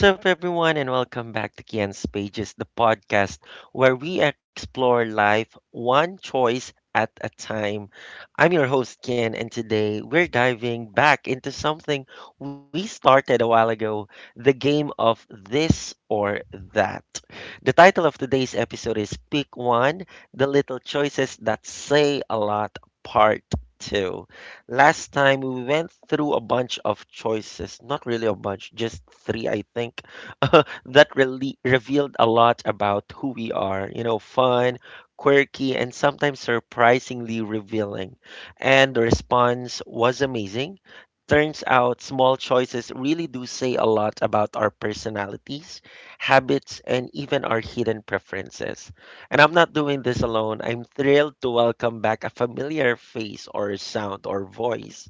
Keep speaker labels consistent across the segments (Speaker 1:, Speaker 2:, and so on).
Speaker 1: What's up, everyone, and welcome back to Kian's Pages, the podcast where we explore life one choice at a time. I'm your host, Kian, and today we're diving back into something we started a while ago, the game of this or that. The title of today's episode is Pick One, The Little Choices That Say a Lot, Part 2. Last time we went through a bunch of choices, not really a bunch, just three, I think, that really revealed a lot about who we are. You know, fun, quirky, and sometimes surprisingly revealing. And the response was amazing. Turns out small choices really do say a lot about our personalities, habits, and even our hidden preferences. And I'm not doing this alone. I'm thrilled to welcome back a familiar face or sound or voice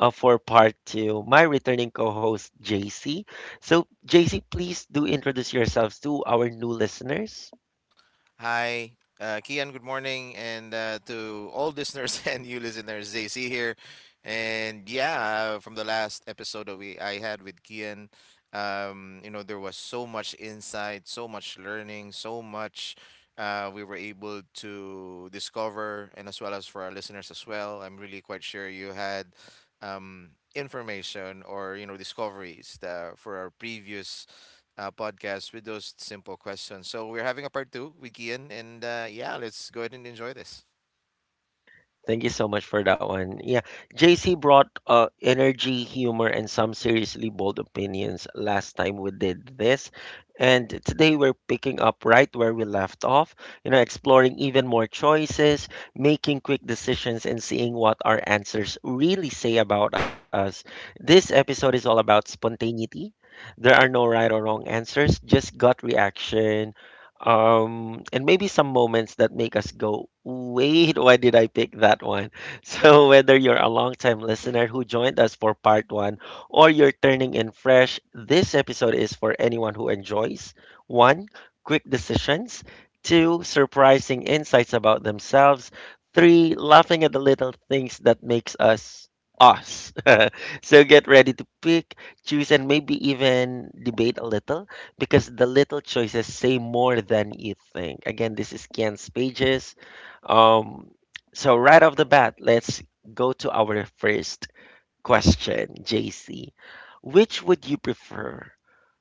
Speaker 1: for part two, my returning co host, JC. So, JC, please do introduce yourselves to our new listeners.
Speaker 2: Hi, Kian, good morning. And to all listeners and you listeners, JC here. And yeah, from the last episode that we I had with Kian, there was so much insight, so much learning, so much we were able to discover, and as well as for our listeners as well. I'm really quite sure you had information or, discoveries for our previous podcast with those simple questions. So we're having a part two with Kian, and yeah, let's go ahead and enjoy this.
Speaker 1: Thank you so much for that one. Yeah, JC brought energy, humor, and some seriously bold opinions last time we did this. And today we're picking up right where we left off, you know, exploring even more choices, making quick decisions, and seeing what our answers really say about us. This episode is all about spontaneity. There are no right or wrong answers, just gut reaction, and maybe some moments that make us go, wait, why did I pick that one? So, whether you're a longtime listener who joined us for part one or you're turning in fresh, this episode is for anyone who enjoys one, quick decisions, two, surprising insights about themselves, three, laughing at the little things that makes us us. So get ready to pick, choose, and maybe even debate a little, because the little choices say more than you think. Again, this is Ken's pages. Um, so right off the bat, let's go to our first question, JC. Which would you prefer,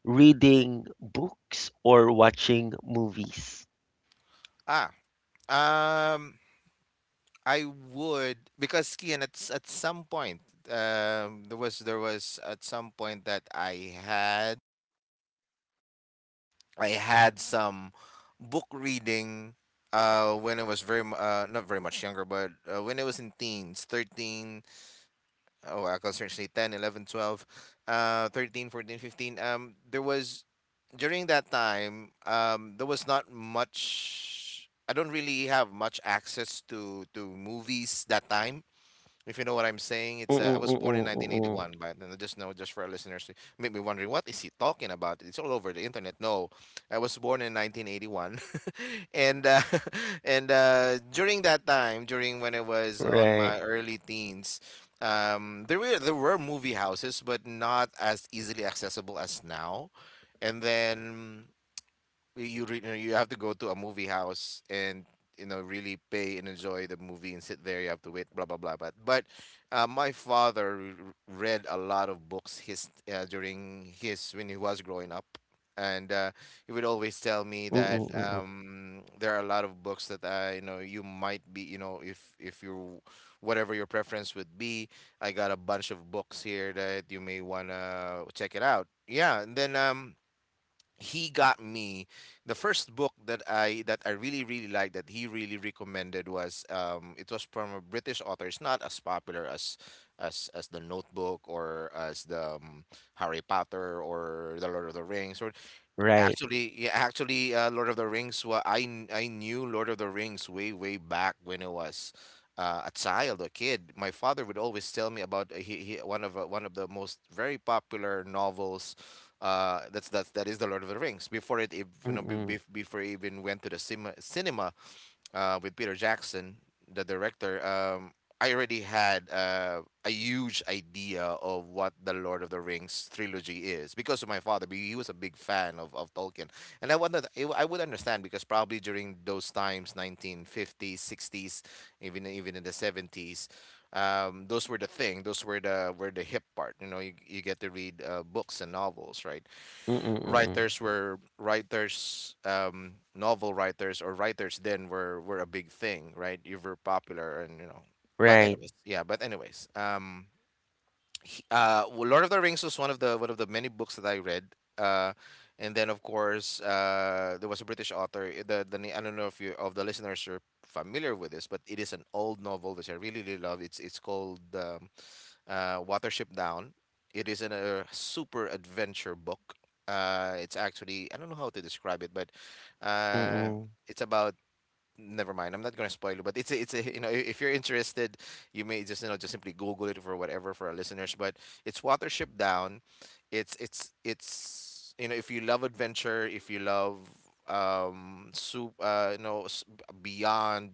Speaker 1: reading books or watching movies?
Speaker 2: Ah, um, I would because Kian, at at some point, there was at some point that I had some book reading. When I was very not very much younger, but when I was in teens, 13, Oh, wow, I can certainly ten, 11, 12, 11, 12, 13, 14, 15. There was, during that time, there was not much, I don't really have much access to movies that time. If you know what I'm saying, it's I was born in
Speaker 1: Mm-mm-mm-mm-mm-mm.
Speaker 2: 1981, but and I just know just for our listeners, make me wondering what is he talking about? It's all over the internet. No, I was born in 1981, and and during that time, during when I was on
Speaker 1: Right.
Speaker 2: my early teens, there were movie houses, but not as easily accessible as now. And then you know, you have to go to a movie house and you know really pay and enjoy the movie and sit there. You have to wait, blah blah blah. But my father read a lot of books his during his when he was growing up. And he would always tell me that
Speaker 1: Mm-mm-mm-mm.
Speaker 2: there are a lot of books that you know you might be you know if you whatever your preference would be, I got a bunch of books here that you may wanna check it out. Yeah, and then he got me the first book that I really really liked that he really recommended was it was from a British author. It's not as popular as as the Notebook or as the Harry Potter or the Lord of the Rings or
Speaker 1: Right.
Speaker 2: actually, yeah, actually, Lord of the Rings. Well, I knew Lord of the Rings way way back when I was a child, a kid. My father would always tell me about he one of the most very popular novels. That is the Lord of the Rings. Before it, you know,
Speaker 1: Mm-mm-mm-mm-mm.
Speaker 2: before I even went to the cinema, with Peter Jackson, the director, I already had a huge idea of what the Lord of the Rings trilogy is because of my father. He was a big fan of Tolkien. And I, wondered, I would understand because probably during those times, 1950s, 60s, even in the 70s, those were the thing. Those were the hip part. You know, you get to read books and novels, right? Writers novel writers or writers then were a big thing right you were popular and you know but
Speaker 1: Right.
Speaker 2: anyways yeah but anyways well, Lord of the Rings was one of the many books that I read. Uh, and then of course there was a British author. I don't know if you of the listeners are familiar with this, but it is an old novel which I really really love. It's called Watership Down. It is an, a super adventure book. It's actually I don't know how to describe it, but uh,
Speaker 1: Mm-mm.
Speaker 2: it's about never mind. I'm not gonna spoil it, but it's a you know if you're interested, you may just you know just simply Google it for whatever for our listeners. But it's Watership Down. It's you know if you love adventure, if you love soup, you know s- beyond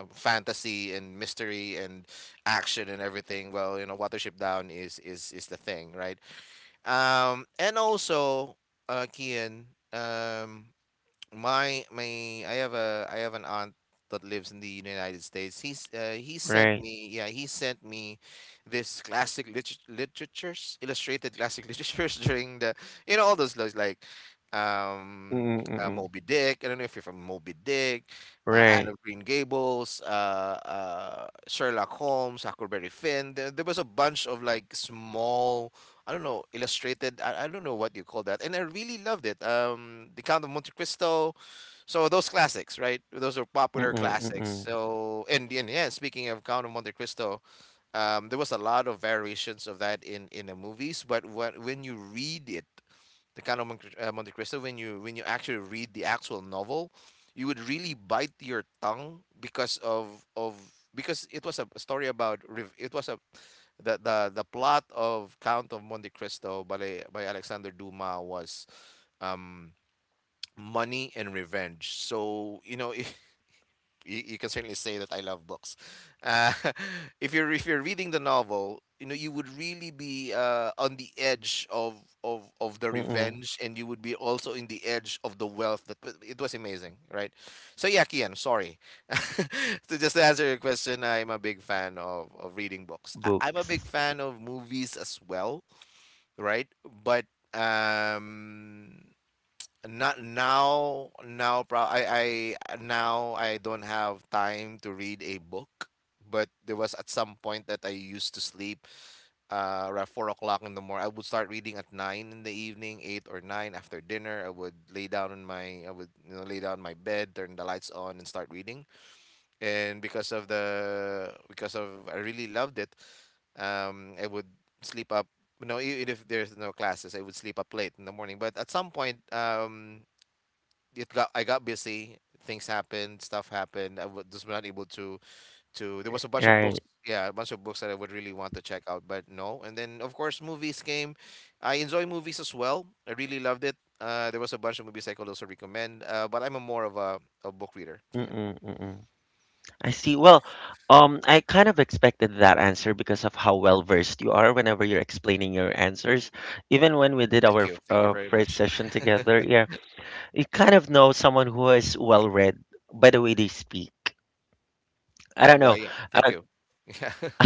Speaker 2: fantasy and mystery and action and everything. Well, you know Watership Down is the thing, right? And also, Kian, um my my I have a I have an aunt that lives in the United States. He sent
Speaker 1: Right.
Speaker 2: me yeah he sent me this classic literatures illustrated classic literatures during the you know all those like um
Speaker 1: Mm-mm-mm.
Speaker 2: Moby Dick. I don't know if you're from Moby Dick, Anne
Speaker 1: Right.
Speaker 2: of Green Gables, Sherlock Holmes, Huckleberry Finn. There was a bunch of like small I don't know, illustrated. I don't know what you call that. And I really loved it. The Count of Monte Cristo. So those classics, right? Those are popular classics.
Speaker 1: Mm-mm-mm-mm.
Speaker 2: So and yeah, speaking of Count of Monte Cristo, there was a lot of variations of that in the movies. But when you read it, the Count of Monte Cristo, when you actually read the actual novel, you would really bite your tongue because of because it was a story about rev- it was a the plot of Count of Monte Cristo by Alexander Dumas was um money and revenge. So, you know, if you can certainly say that I love books. Uh, if you're reading the novel, you know you would really be on the edge of the revenge, and you would be also in the edge of the wealth. That but it was amazing, right? So yeah, Kian, sorry. So just to answer your question, I'm a big fan of reading books. I'm a
Speaker 1: Books.
Speaker 2: big fan of movies as well, right? But um not now, now pro I now I don't have time to read a book, but there was at some point that I used to sleep around 4 o'clock in the morning. I would start reading at 9 in the evening, 8 or 9 after dinner. I would you know lay down in my bed, turn the lights on and start reading. And because of I really loved it, I would sleep up you know, even if there's no classes, I would sleep up late in the morning. But at some point, it got I got busy. Things happened, stuff happened. Just not able to to. There was a bunch of books,
Speaker 1: Right.
Speaker 2: yeah, a bunch of books that I would really want to check out, but no. And then of course movies came. I enjoy movies as well. I really loved it. There was a bunch of movies I could also recommend, but I'm a more of a book reader, Kian.
Speaker 1: Mm-mm, mm-mm. I see. Well, I kind of expected that answer because of how well versed you are whenever you're explaining your answers. Even when we did our
Speaker 2: Thank you very
Speaker 1: first
Speaker 2: much.
Speaker 1: session together, yeah, you kind of know someone who is well read by the way they speak. I don't
Speaker 2: Well,
Speaker 1: know.
Speaker 2: yeah, thank you. Yeah.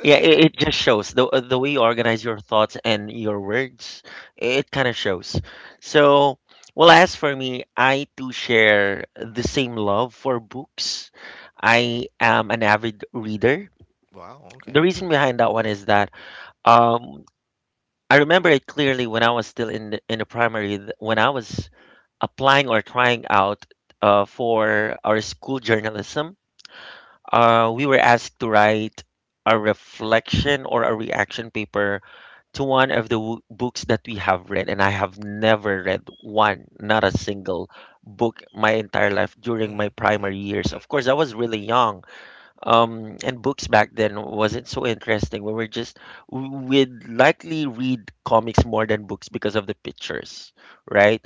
Speaker 1: Yeah, it just shows the way you organize your thoughts and your words. It kind of shows. So, well, as for me, I too share the same love for books. I am an avid reader.
Speaker 2: Wow. Okay.
Speaker 1: The reason behind that one is that um, I remember it clearly when I was still in the primary, when I was applying or trying out for our school journalism, we were asked to write a reflection or a reaction paper to one of the books that we have read. And I have never read one, not a single book my entire life during my
Speaker 2: Mm-hmm, mm-hmm,
Speaker 1: primary years.
Speaker 2: mm-hmm.
Speaker 1: Of course, I was really young. And books back then wasn't so interesting. We were just, we'd likely read comics more than books because of the pictures, right?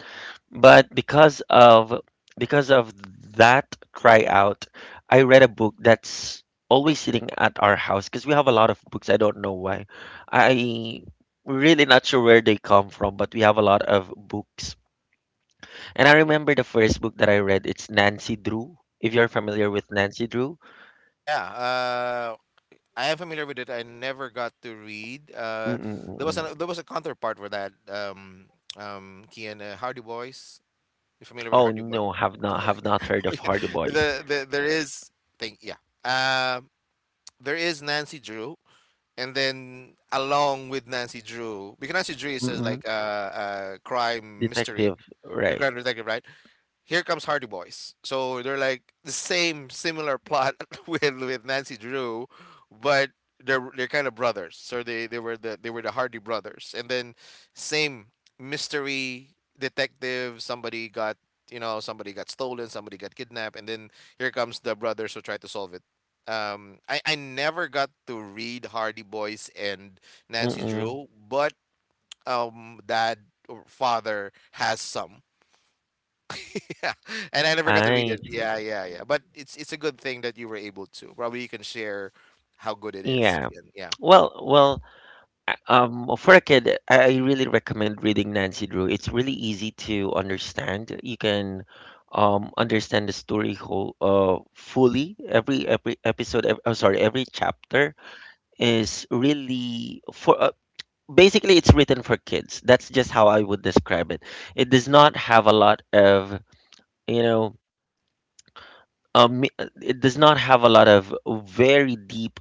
Speaker 1: But because of that cry out, I read a book that's always sitting at our house because we have a lot of books. I don't know why. I really not sure where they come from, but we have a lot of books. And I remember the first book that I read. It's Nancy Drew. If you're familiar with Nancy Drew,
Speaker 2: Yeah. I am familiar with it. I never got to read.
Speaker 1: mm-mm-mm.
Speaker 2: There was a counterpart for that. Kian, Hardy Boys. You familiar with
Speaker 1: Oh
Speaker 2: Hardy Boys?
Speaker 1: no, have not heard of
Speaker 2: Yeah.
Speaker 1: Hardy Boys.
Speaker 2: The there is thing. Yeah. Um, there is Nancy Drew, and then along with Nancy Drew, because Nancy Drew is uh, like
Speaker 1: Mm-mm.
Speaker 2: a uh, uh, crime mystery,
Speaker 1: Detective,
Speaker 2: the
Speaker 1: right?
Speaker 2: crime detective, right? Here comes Hardy Boys. So they're like the same similar plot with Nancy Drew, but they're kind of brothers. So they were the Hardy brothers. And then same mystery detective, somebody got you know, somebody got stolen, somebody got kidnapped, and then here comes the brothers who try to solve it. I never got to read Hardy Boys and Nancy
Speaker 1: Mm-mm.
Speaker 2: Drew, but dad or father has some. Yeah, and I never got to read
Speaker 1: I
Speaker 2: it. Yeah, yeah, yeah. But it's a good thing that you were able to. Probably you can share how good it is.
Speaker 1: yeah.
Speaker 2: And yeah.
Speaker 1: Well, well. Well, for a kid, I really recommend reading Nancy Drew. It's really easy to understand. You can understand the story whole fully. Every episode, every chapter is really for. Basically, it's written for kids. That's just how I would describe it. It does not have a lot of, you know, um, it does not have a lot of very deep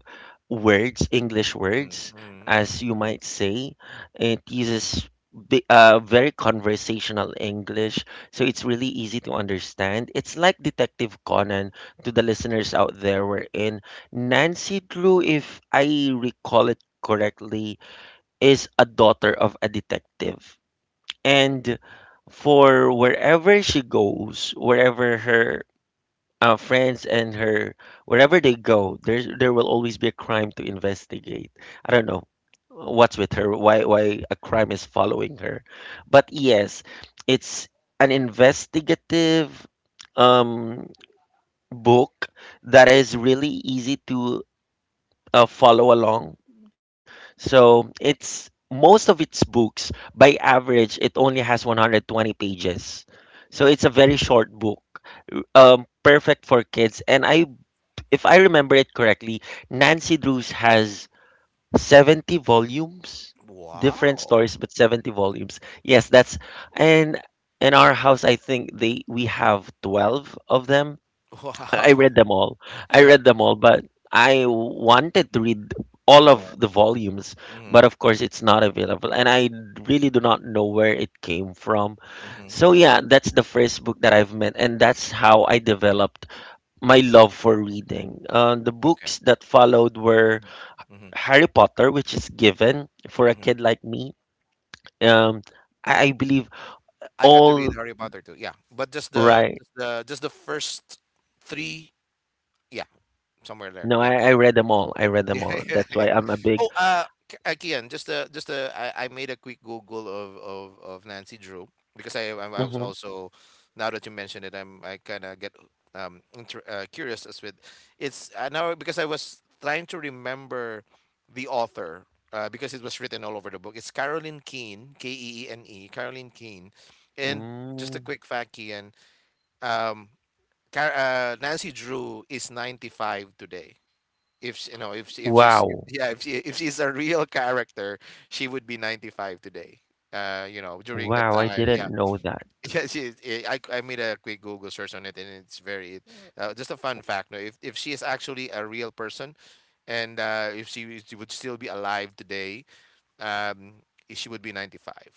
Speaker 1: words, English
Speaker 2: Mm,
Speaker 1: words,
Speaker 2: mm, mm,
Speaker 1: as you
Speaker 2: mm.
Speaker 1: might say. It uses very conversational English, so it's really easy to understand. It's like Detective Conan to the listeners out there. Wherein Nancy Drew, if I recall it correctly, is a daughter of a detective. And for wherever she goes, wherever her our friends and her wherever they go, there will always be a crime to investigate. I don't know what's with her, why a crime is following her, but yes, it's an investigative um book that is really easy to follow along. So it's most of its books by average, it only has 120 pages, so it's a very short book, um, perfect for kids. And I if I remember it correctly, Nancy Drews has 70 volumes, different
Speaker 2: Wow.
Speaker 1: stories, but 70 volumes. Yes, that's, and in our house, I think they we have 12 of them. I
Speaker 2: Wow.
Speaker 1: read them all. I
Speaker 2: Yeah.
Speaker 1: read them all, but I wanted to read all of
Speaker 2: More.
Speaker 1: the volumes,
Speaker 2: Hmm.
Speaker 1: but of course it's not available, and I really do not know where it came from. So
Speaker 2: Hmm.
Speaker 1: yeah, that's the first book that I've met, and that's how I developed my
Speaker 2: Hmm.
Speaker 1: love for reading. The
Speaker 2: Okay.
Speaker 1: books that followed were
Speaker 2: Hmm.
Speaker 1: Harry Potter, which is given for a
Speaker 2: Hmm.
Speaker 1: kid like me. Um, I believe
Speaker 2: I got to read
Speaker 1: all
Speaker 2: Harry Potter too. Yeah, but
Speaker 1: right.
Speaker 2: just the first three. Yeah, somewhere there.
Speaker 1: No,
Speaker 2: Yeah.
Speaker 1: I read them all. I read
Speaker 2: Yeah.
Speaker 1: them all. That's
Speaker 2: Yeah.
Speaker 1: why I'm a big.
Speaker 2: Oh, again, just a I made a quick Google of Nancy Drew because I was
Speaker 1: Hmm.
Speaker 2: also now that you mentioned it, I kind of get curious as with it's now because I was trying to remember the author because it was written all over the book. It's Caroline Keene, K E E N E, Caroline Keene, and just a
Speaker 1: Mm,
Speaker 2: quick fact, Kian. Um, Nancy Drew is 95 today if she, if she's if-
Speaker 1: wow.
Speaker 2: yeah, if she, if she's a real character, she would be 95 today, you know, during the
Speaker 1: Wow. I
Speaker 2: time. Yeah.
Speaker 1: didn't know that.
Speaker 2: Yeah, she, is- eh, I made a quick google search on it, and it's very, just a fun fact. No, if she is actually a real person and if she would still be alive today. um she would be 95.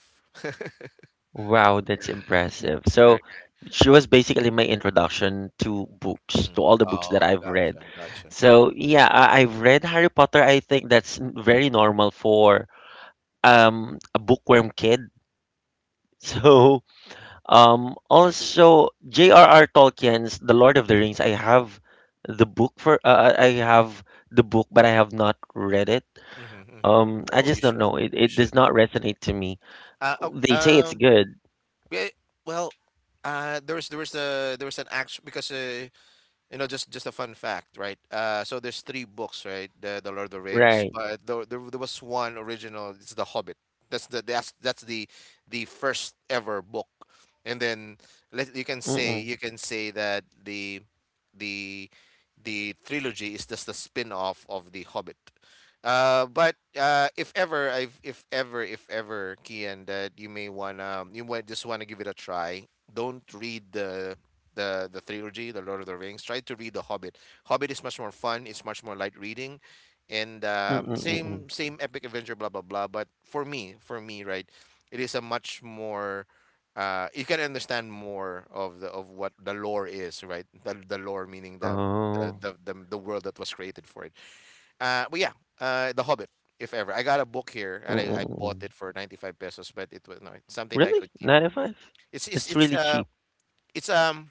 Speaker 1: Wow. That's impressive.
Speaker 2: Uh,
Speaker 1: So she was basically my introduction to books, to
Speaker 2: mm.
Speaker 1: all the books that
Speaker 2: Oh,
Speaker 1: I've read.
Speaker 2: gotcha, gotcha.
Speaker 1: So yeah, I've read Harry Potter. I think that's very normal for a bookworm kid. So, also J.R.R. Tolkien's The Lord of the Rings. I have the book for I have the book, but I have not read it.
Speaker 2: hmm hmm
Speaker 1: I
Speaker 2: oh, you
Speaker 1: just don't
Speaker 2: should.
Speaker 1: know.
Speaker 2: You
Speaker 1: It
Speaker 2: should.
Speaker 1: does not resonate to me.
Speaker 2: uh, oh,
Speaker 1: They say it's
Speaker 2: um
Speaker 1: good,
Speaker 2: Yeah, well, there was a there was an act because, you know, just a fun fact, right? So there's three books, right? The Lord of the Rings,
Speaker 1: right?
Speaker 2: but there was one original. It's The Hobbit. That's the first ever book, and then let you can say,
Speaker 1: Mm-mm,
Speaker 2: that the trilogy is just a spin off of The Hobbit. But If ever, if ever, Kian, that you may wanna, you might just wanna give it a try. Don't read the trilogy, the Lord of the Rings. Try to read the Hobbit. Hobbit is much more fun. It's much more light reading, and
Speaker 1: mm-mm,
Speaker 2: same,
Speaker 1: mm-mm.
Speaker 2: same epic adventure, blah blah blah. But for me, right, it is a much more. You can understand more of the of what the lore is, right? The lore meaning the the
Speaker 1: Oh,
Speaker 2: the world that was created for it. uh, but yeah, The Hobbit, if ever. I got a book here, and
Speaker 1: mm-mm,
Speaker 2: I bought it
Speaker 1: mm-mm.
Speaker 2: for 95 pesos, but it was no, it's something that I could
Speaker 1: Really?
Speaker 2: keep.
Speaker 1: Nine oh five?
Speaker 2: It's it's it's
Speaker 1: That's really
Speaker 2: uh
Speaker 1: cheap.
Speaker 2: it's um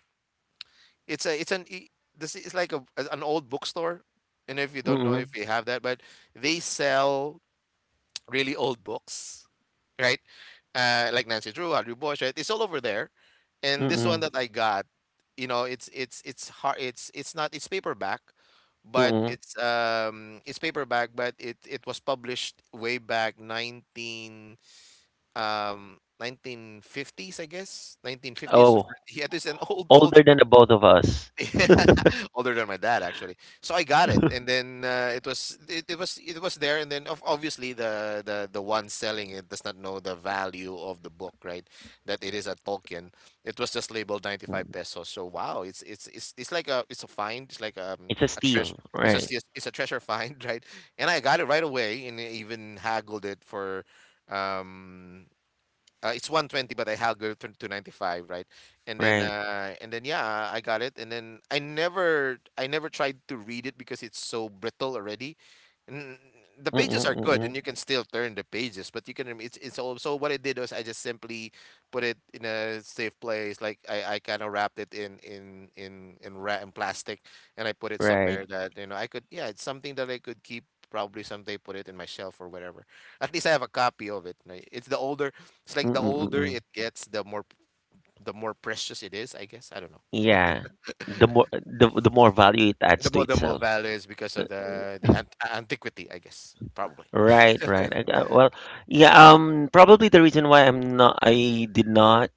Speaker 2: it's a it's an this is like an old bookstore. And if you don't know if you
Speaker 1: Mm-mm,
Speaker 2: have that, but they sell really old books, right? Like Nancy Drew, Audrey Bush, right? It's all over there. And this one that I
Speaker 1: mm-mm,
Speaker 2: got, you know, it's hard. It's not. It's paperback, but
Speaker 1: mm-mm.
Speaker 2: it's paperback, but it was published way back nineteen 1950s, I guess. 1950s. Or 40s.
Speaker 1: Oh,
Speaker 2: Yeah, this is an old, old
Speaker 1: older than
Speaker 2: book.
Speaker 1: the both of us.
Speaker 2: Older than my dad, actually. So I got it, and then it was it was there, and then obviously the one selling it does not know the value of the book, right? That it is a Tolkien. It was just labeled 95
Speaker 1: Mm.
Speaker 2: pesos. So wow, it's like a it's a find. It's like
Speaker 1: It's
Speaker 2: a
Speaker 1: a
Speaker 2: treasure.
Speaker 1: steal, right?
Speaker 2: It's a treasure find, right? And I got it right away, and I even haggled it for um it's 120, but I haggled to 95, right? And then,
Speaker 1: Right.
Speaker 2: yeah, I got it. And then I never tried to read it because it's so brittle already. N- the
Speaker 1: Mm,
Speaker 2: pages are good, and you
Speaker 1: mm.
Speaker 2: can still turn the pages, but you can. Rem- it's also what I did was I just simply put it in a safe place, like I kind of wrapped it in plastic, and I put it
Speaker 1: Right.
Speaker 2: somewhere that you know I could. Yeah, it's something that I could keep. Probably someday put it in my shelf or whatever. At least I have a copy of it. It's the older — it's
Speaker 1: Mm,
Speaker 2: like the older
Speaker 1: mm.
Speaker 2: it gets, the more precious it is, I guess. I don't know.
Speaker 1: Yeah. The more value it adds to
Speaker 2: The more
Speaker 1: itself.
Speaker 2: value is because of the antiquity, I guess. Probably.
Speaker 1: Right, right. Well, yeah, um, probably the reason why I did not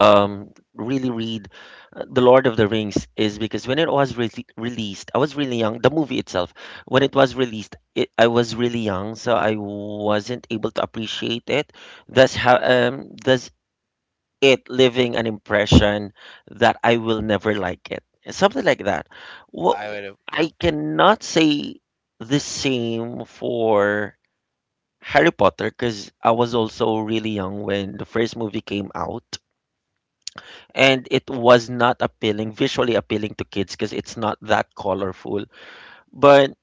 Speaker 1: really read The Lord of the Rings is because when it was re released, I was really young. The movie itself, when it was released, I was really young, so I wasn't able to appreciate it. That's how that's it, leaving an impression that I will never like it. Something like that.
Speaker 2: I
Speaker 1: Well,
Speaker 2: would have, yeah.
Speaker 1: I cannot say the same for Harry Potter because I was also really young when the first movie came out. And it was not appealing, visually appealing to kids because it's not that colorful. But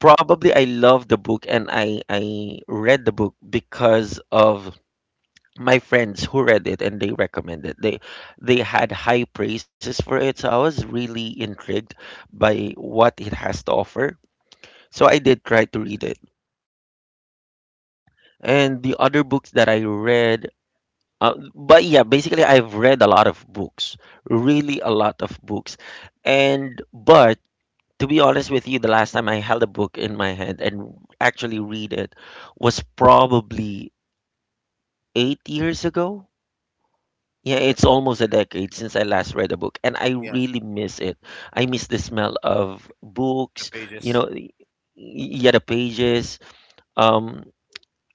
Speaker 1: probably I love the book, and I read the book because of my friends who read it, and they recommended they had high praises for it, so I was really intrigued by what it has to offer, so I did try to read it, and the other books that I read. Uh, but yeah, basically I've read a lot of books, really a lot of books, and, but to be honest with you, the last time I held a book in my hand and actually read it was probably 8 years ago. Yeah, it's almost a decade since I last read a book, and I
Speaker 2: Yeah,
Speaker 1: really miss it. I miss the smell of
Speaker 2: the
Speaker 1: books, you
Speaker 2: pages.
Speaker 1: know, yeah, the pages. Um,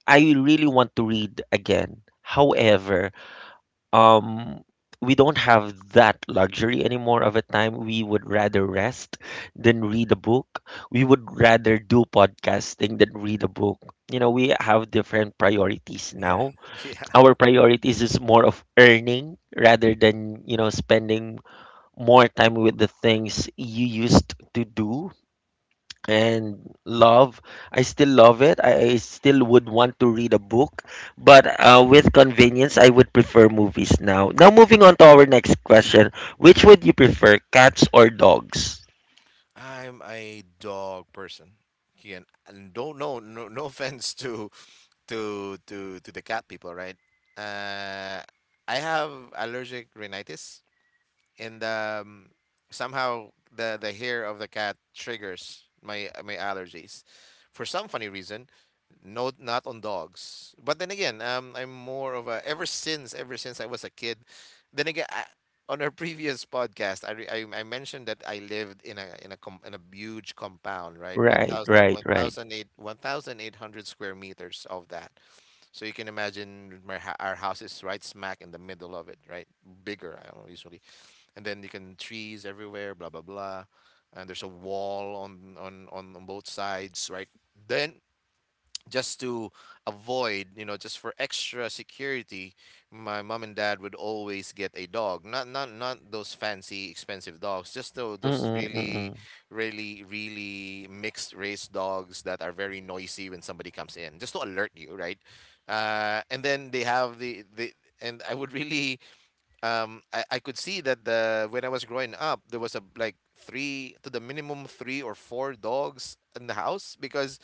Speaker 1: I really want to read again. However, um, we don't have that luxury anymore of a time. We would rather rest than read a book. We would rather do podcasting than read a book. You know, we have different priorities
Speaker 2: Yeah.
Speaker 1: now.
Speaker 2: Yeah.
Speaker 1: Our priorities is more of earning rather than, you know, spending more time with the things you used to do and love. I still love it. I still would want to read a book, but with convenience I would prefer movies. Now, now moving on to our next question, which would you prefer, cats or dogs?
Speaker 2: I'm a dog person. Again, and don't know, no, no offense to to the cat people, right? Uh, I have allergic rhinitis, and somehow the hair of the cat triggers my allergies for some funny reason. No, not on dogs. But then again, I'm more of a — ever since, I was a kid, then again, on our previous podcast I mentioned that I lived in a in a huge compound, right? One
Speaker 1: Right,
Speaker 2: thousand,
Speaker 1: right,
Speaker 2: one
Speaker 1: right.
Speaker 2: thousand 1800 square meters of that, so you can imagine our house is right smack in the middle of it, right? Bigger, I don't know, usually. And then you can trees everywhere, blah blah blah. And there's a wall on both sides, right? Then just to avoid, you know, just for extra security, my mom and dad would always get a dog. Not those fancy expensive dogs, just those
Speaker 1: Mm-mm,
Speaker 2: really,
Speaker 1: mm-mm.
Speaker 2: really, really mixed race dogs that are very noisy when somebody comes in, just to alert you, right? And then they have the and I would really I could see that the when I was growing up there was a like three to the minimum three or four dogs in the house because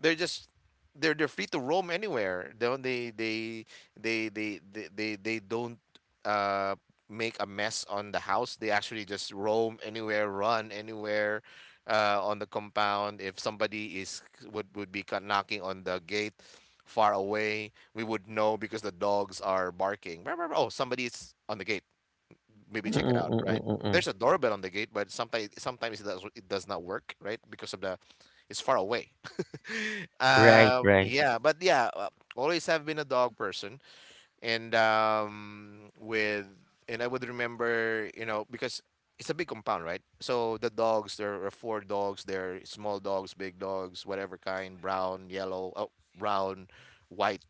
Speaker 2: they're just they're free to roam anywhere. They don't, uh, make a mess on the house. They actually just roam anywhere, run anywhere on the compound. If somebody is would be knocking on the gate far away, we would know because the dogs are barking. "Meow, meow, meow." Oh, somebody's on the gate. Maybe check it
Speaker 1: Mm-mm,
Speaker 2: out,
Speaker 1: mm-mm,
Speaker 2: right?
Speaker 1: mm-mm.
Speaker 2: There's a doorbell on the gate, but sometimes it does not work, right? Because of the — it's far away.
Speaker 1: Right,
Speaker 2: um,
Speaker 1: right.
Speaker 2: yeah, but yeah, uh, Always have been a dog person, and with and I would remember, you know, because it's a big compound, right? So the dogs, there are four dogs, there are small dogs, big dogs, whatever kind, brown, yellow, oh, brown, white,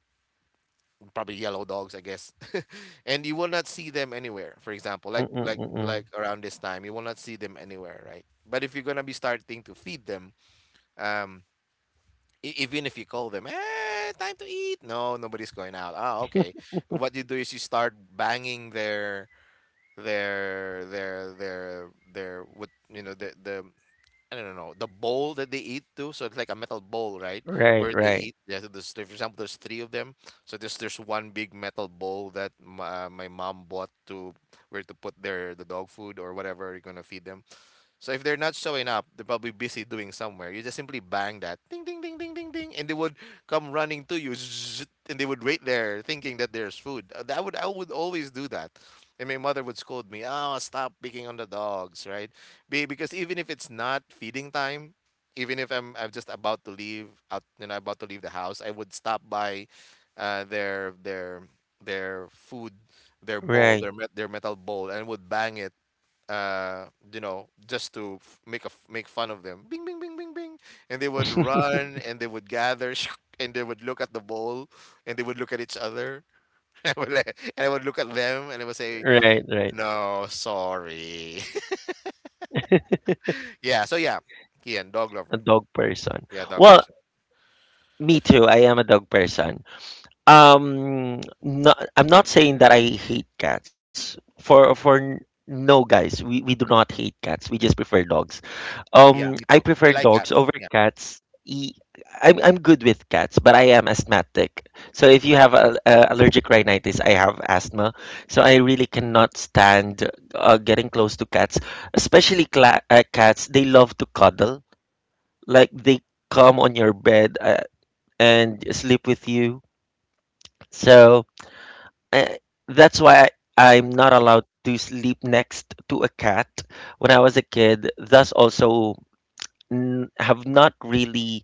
Speaker 2: probably yellow dogs, I guess. And you will not see them anywhere. For example,
Speaker 1: Mm-mm, mm-mm.
Speaker 2: around this time, you will not see them anywhere, right? But if you're gonna be starting to feed them, um, E- even if you call them, time to eat. No, nobody's going out. Ah, okay. What you do is you start banging their what you know the the — I don't know, the bowl that they eat to. So it's like a metal bowl, right?
Speaker 1: Right,
Speaker 2: Where
Speaker 1: right,
Speaker 2: they eat. Yeah. So there's, for example, there's three of them. So there's one big metal bowl that my mom bought to where to put their the dog food or whatever you're gonna feed them. So if they're not showing up, they're probably busy doing somewhere. You just simply bang that, ding ding ding ding ding ding, and they would come running to you, and they would wait there, thinking that there's food. That would I would always do that, and my mother would scold me. Oh, stop picking on the dogs, right? Be Because even if it's not feeding time, even if I'm just about to leave out, you know, about to leave the house, I would stop by, uh, their their their food, their bowl,
Speaker 1: right.
Speaker 2: their metal bowl, and would bang it, you know, just to make make fun of them. Bing, bing, bing, bing, bing, and they would run and they would gather and they would look at the bowl, and they would look at each other. I would look at them and I would say,
Speaker 1: Right, right.
Speaker 2: "No, sorry." Yeah. So yeah, Kian, dog
Speaker 1: A
Speaker 2: lover.
Speaker 1: dog person.
Speaker 2: Yeah, dog
Speaker 1: Well,
Speaker 2: person.
Speaker 1: me too. I am a dog person.
Speaker 2: Okay.
Speaker 1: No, I'm not saying that I hate cats. No, guys, we do not hate cats. We just prefer dogs.
Speaker 2: Yeah, me
Speaker 1: I
Speaker 2: too. I
Speaker 1: prefer
Speaker 2: like
Speaker 1: dogs over
Speaker 2: cats. Yeah.
Speaker 1: cats. E- I'm good with cats, but I am asthmatic. So if you have a allergic rhinitis, I have asthma. So I really cannot stand getting close to cats, especially cla cats. They love to cuddle. Like they come on your bed and sleep with you. So uh, that's why I'm not allowed to sleep next to a cat when I was a kid. Thus, also have not really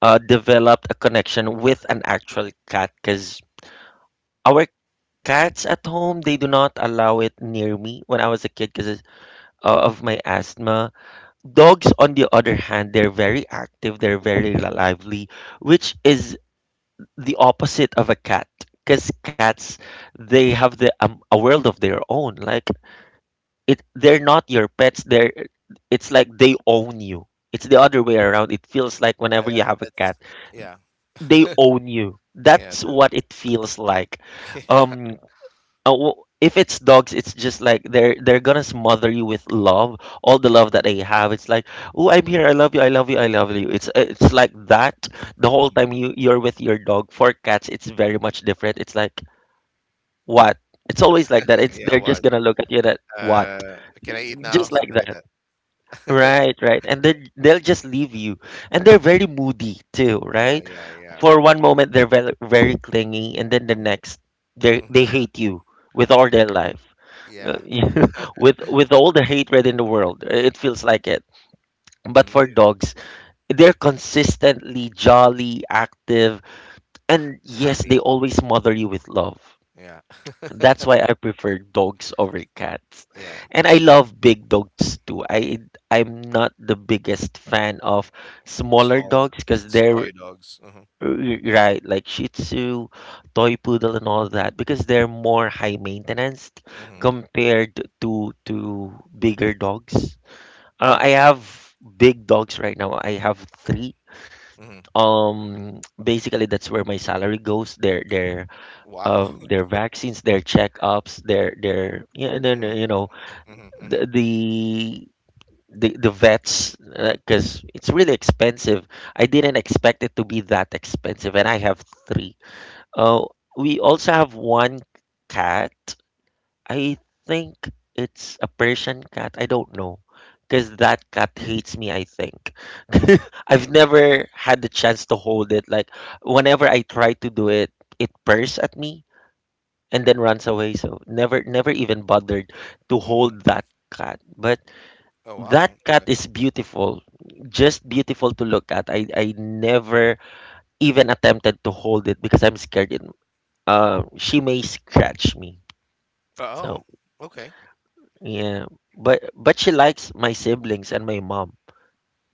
Speaker 1: developed a connection with an actual cat because our cats at home they do not allow it near me when I was a kid because of my asthma. Dogs, on the other hand, they're very active. They're very lively, which is the opposite of a cat because cats they have the a world of their own. Like, it, they're not your pets. They're, it's like they own you. It's the other way around, it feels like,
Speaker 2: Yeah.
Speaker 1: whenever you
Speaker 2: That's
Speaker 1: have a
Speaker 2: that's.
Speaker 1: cat.
Speaker 2: Yeah.
Speaker 1: They own you,
Speaker 2: Yeah.
Speaker 1: that's
Speaker 2: The,
Speaker 1: what it feels like.
Speaker 2: yeah.
Speaker 1: um Oh, well, if it's dogs, it's just like they're gonna smother you with love, all the love that they have. It's like, oh, I'm here, I love you, I love you, I love you. It's like that the whole
Speaker 2: Mhm.
Speaker 1: time you're with your dog. For cats, it's very much different. It's like what? It's always like that. It's
Speaker 2: Yeah.
Speaker 1: they're just
Speaker 2: What?
Speaker 1: gonna look at you that what?
Speaker 2: Can I eat now?
Speaker 1: Just like
Speaker 2: Something like
Speaker 1: that.
Speaker 2: that.
Speaker 1: Right, right. And then they'll just leave you. And they're
Speaker 2: Hmm.
Speaker 1: very moody too,
Speaker 2: Yeah.
Speaker 1: right?
Speaker 2: Yeah. Yeah.
Speaker 1: For one moment they're very very clingy, and then the next they
Speaker 2: Hmm.
Speaker 1: hate you with all their life. Uh,
Speaker 2: Yeah.
Speaker 1: with all the hatred in the world, it feels like it. But
Speaker 2: Mhm,
Speaker 1: for
Speaker 2: the
Speaker 1: dogs, they're consistently jolly, active,
Speaker 2: ha
Speaker 1: and yes,
Speaker 2: happy.
Speaker 1: they always smother you with love.
Speaker 2: Yeah.
Speaker 1: That's why I prefer dogs over cats.
Speaker 2: Yeah.
Speaker 1: And I love big dogs too. I'm not the biggest fan of smaller
Speaker 2: Small
Speaker 1: dogs because
Speaker 2: s
Speaker 1: they're
Speaker 2: toy dogs. Mhm.
Speaker 1: right, like Shih Tzu, toy poodle, and all that, because they're more high maintenance
Speaker 2: Mhm.
Speaker 1: compared to bigger dogs.
Speaker 2: Mhm.
Speaker 1: I have big dogs right now. I have three.
Speaker 2: Mhm.
Speaker 1: Basically, that's where my salary goes. Their their
Speaker 2: Wow.
Speaker 1: um their vaccines, their checkups, their yeah, and then
Speaker 2: Mhm. Mhm. Mhm.
Speaker 1: the the the vets because it's really expensive. I didn't expect it to be that expensive, and I have three. Oh, we also have one cat. I think it's a Persian cat. I don't know. Because that cat hates me, I think. I've never had the chance to hold it. Like, whenever I try to do it, it purrs at me and then runs away. So, never, never even bothered to
Speaker 2: Mhm.
Speaker 1: hold that cat. But
Speaker 2: Oh,
Speaker 1: that
Speaker 2: wow.
Speaker 1: cat
Speaker 2: Yeah.
Speaker 1: is beautiful. Just beautiful to look at. I never even attempted to hold it because I'm scared it she may scratch me.
Speaker 2: Oh,
Speaker 1: So
Speaker 2: okay.
Speaker 1: yeah, but she likes my siblings and my mom.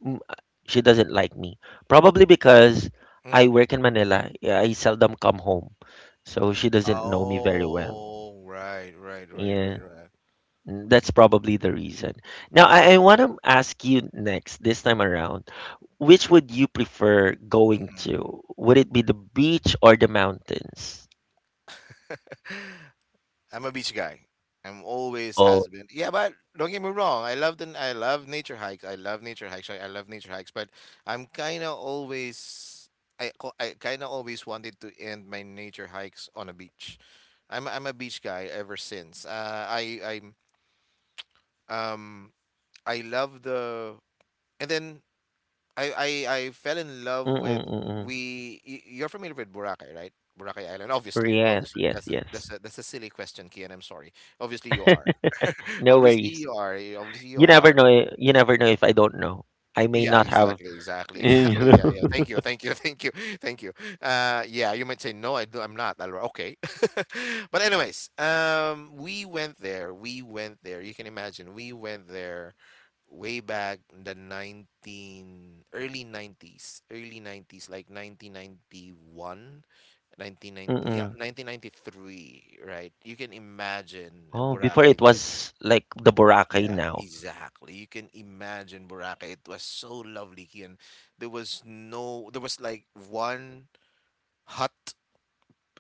Speaker 1: She doesn't like me, probably because I
Speaker 2: Mhm.
Speaker 1: work in Manila. Yeah, I seldom come home, so she doesn't know me very well.
Speaker 2: Oh, right, right, right,
Speaker 1: Yeah,
Speaker 2: right, right.
Speaker 1: that's probably the reason. Now I want to ask you next this time around, which would you prefer going
Speaker 2: Mhm.
Speaker 1: to? Would it be the beach or the mountains?
Speaker 2: I'm a beach guy. I'm always
Speaker 1: Oh,
Speaker 2: has been. Yeah, but don't get me wrong. I love the — I love nature hikes. I love nature hikes. I love nature hikes. But I'm kind of always — I kind of always wanted to end my nature hikes on a beach. I'm a beach guy ever since. I um I love the — and then I fell in love with
Speaker 1: mm-mm-mm.
Speaker 2: You're familiar with Boracay, right? Boracay Island, obviously,
Speaker 1: Yes,
Speaker 2: obviously.
Speaker 1: yes, yes.
Speaker 2: That's a silly question, Kian. I'm sorry. Obviously, you are.
Speaker 1: No
Speaker 2: Obviously
Speaker 1: worries.
Speaker 2: you are. Obviously you
Speaker 1: You never
Speaker 2: are.
Speaker 1: know. You never know if I don't know. I may
Speaker 2: Yeah,
Speaker 1: not have.
Speaker 2: exactly, exactly,
Speaker 1: You
Speaker 2: exactly. Yeah,
Speaker 1: know.
Speaker 2: yeah. Thank you, thank you, thank you, thank you. Yeah, you might say no, I do, I'm not. Alright, okay. But anyways, we went there. You can imagine. We went there way back in the 19 early 90s, like
Speaker 1: Mm-mm.
Speaker 2: 1993, right? You can imagine
Speaker 1: Oh, before
Speaker 2: Boracay.
Speaker 1: it was like the Boracay
Speaker 2: Yeah,
Speaker 1: now.
Speaker 2: exactly. You can imagine Boracay. It was so lovely, and there was no there was like one hut.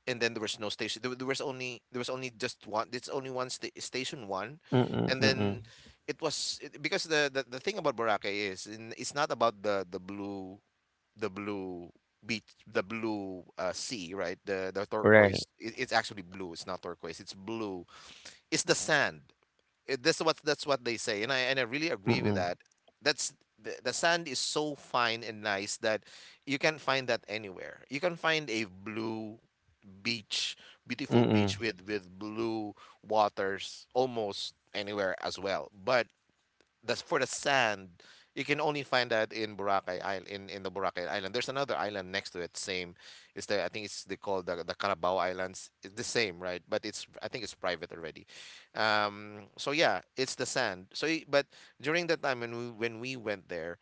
Speaker 2: And then there was no station. There was only just one. It's only station one.
Speaker 1: Mm-mm.
Speaker 2: And then
Speaker 1: Mm-mm.
Speaker 2: because the thing about Boracay it's not about the blue beach, the blue sea, right? The turquoise.
Speaker 1: Right.
Speaker 2: It's actually blue. It's not turquoise. It's blue. It's the sand. That's what they say, and I really agree with
Speaker 1: Mm-mm.
Speaker 2: that. That's the sand is so fine and nice that you can find that anywhere. You can find a blue beach, beautiful
Speaker 1: Mm-mm.
Speaker 2: beach with blue waters almost anywhere as well. But that's for the sand. You can only find that in Boracay Island, in the Boracay Island. There's another island next to it, same. It's the I think it's they call the Carabao Islands. It's the same, right? But it's I think it's private already. So yeah, it's the sand. But during that time when we went there,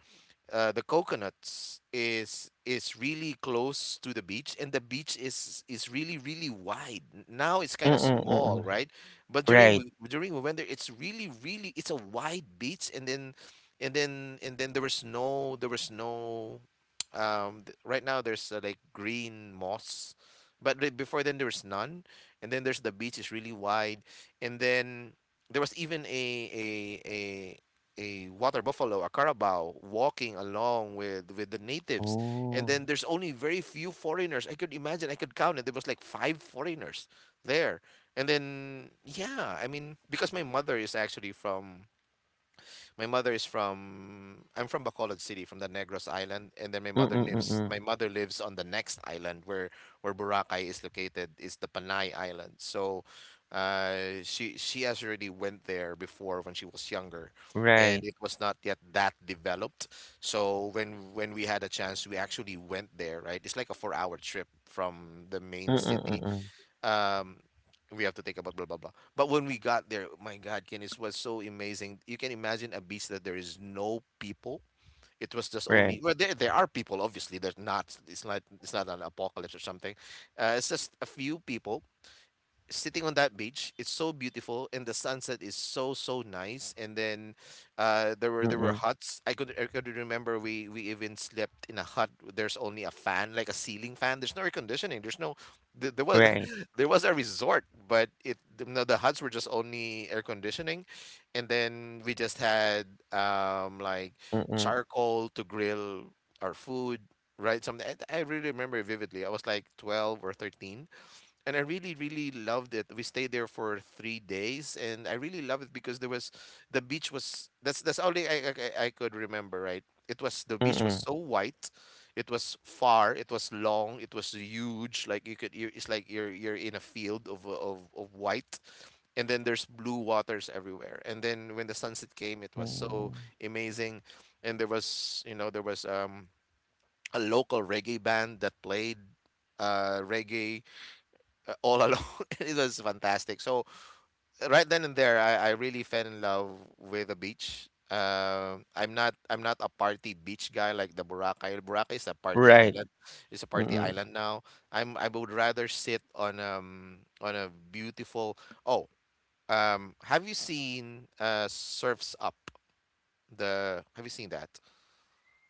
Speaker 2: the coconuts is really close to the beach, and the beach is really wide. Now it's kind of
Speaker 1: Mm-mm.
Speaker 2: small,
Speaker 1: Mm-mm.
Speaker 2: right? But during
Speaker 1: Right.
Speaker 2: w- during we went there, it's really really it's a wide beach. And then there was no right now there's, like, green moss, but before then there was none. And then the beach is really wide. And then there was even a water buffalo, a carabao, walking along with the natives. And
Speaker 1: Oh.
Speaker 2: then there's only very few foreigners. I could imagine, I could count it. There was like five foreigners there. And then yeah, I mean, because my mother is from I'm from Bacolod City, from the Negros Island. And then
Speaker 1: Mm-mm. Mm-mm.
Speaker 2: my mother lives on the next island, where Boracay is located, is the Panay Island. So, she has already went there before when she was younger. And
Speaker 1: Right.
Speaker 2: it was not yet that developed. So when we had a chance, we actually went there, right? It's like a 4-hour trip from the main
Speaker 1: Mm-mm.
Speaker 2: city.
Speaker 1: Mm-mm.
Speaker 2: um we have to think about blah blah blah, but when we got there, my god, Guinness, was so amazing. You can imagine a beach that there is no people. It was just only,
Speaker 1: Right.
Speaker 2: well, there are people, obviously. There's not It's not an apocalypse or something. It's just a few people sitting on that beach. It's so beautiful, and the sunset is so nice. And then, there were
Speaker 1: Mm-mm.
Speaker 2: huts. I could remember, we even slept in a hut. There's only a fan, like a ceiling fan. There's no air conditioning, there's no th- there was
Speaker 1: Right.
Speaker 2: there was a resort, but no, the huts were just only air conditioning. And then we just had, like,
Speaker 1: Mm-mm.
Speaker 2: charcoal to grill our food. Right, something, I really remember vividly. I was like 12 or 13, and I really, really loved it. We stayed there for 3 days, and I really loved it because there was the beach was that's only I could remember. Right, it was the beach was
Speaker 1: Mm-mm.
Speaker 2: so white, it was far, it was long, it was huge. Like you it's like you're in a field of white. And then there's blue waters everywhere. And then when the sunset came, it was so
Speaker 1: Mm.
Speaker 2: amazing. And there was, a local reggae band that played, reggae, all alone. It was fantastic. So right then and there, I really fell in love with the beach. I'm not a party beach guy, like the Boracay. Boracay is a party
Speaker 1: Right.
Speaker 2: island. It's a party
Speaker 1: Mm-mm.
Speaker 2: island now. I would rather sit on, on a beautiful. Oh, have you seen Surfs Up? The Have you seen that?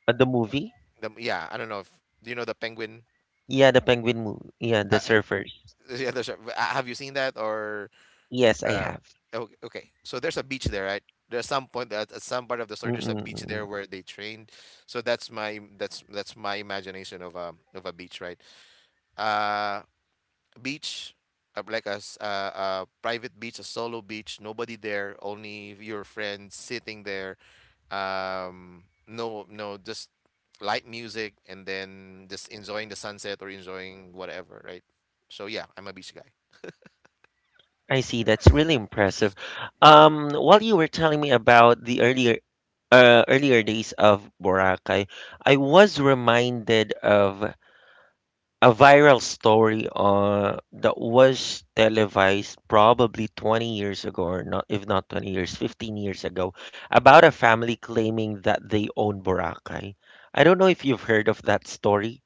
Speaker 1: The movie?
Speaker 2: The Yeah, I don't know if do you know the penguin.
Speaker 1: Yeah, the penguin movie. Yeah,
Speaker 2: Uh,
Speaker 1: the surfers.
Speaker 2: yeah, have you seen that or
Speaker 1: Yes, I
Speaker 2: Uh,
Speaker 1: have.
Speaker 2: okay, okay. So there's a beach there, right? There's some point at some part of the story. There's a
Speaker 1: Mm-mm.
Speaker 2: beach there
Speaker 1: Mm-mm.
Speaker 2: where they trained. So that's my imagination of a beach, right? Uh, Beach, like a private beach, a solo beach. Nobody there, only your friends sitting there. No, no, just light music, and then just enjoying the sunset or enjoying whatever, right? So yeah, I'm a beach guy.
Speaker 1: I see. That's really impressive. While you were telling me about the earlier days of Boracay, I was reminded of a viral story that was televised probably 20 years ago, or not, if not 20 years, 15 years ago, about a family claiming that they own Boracay. I don't know if you've heard of that story.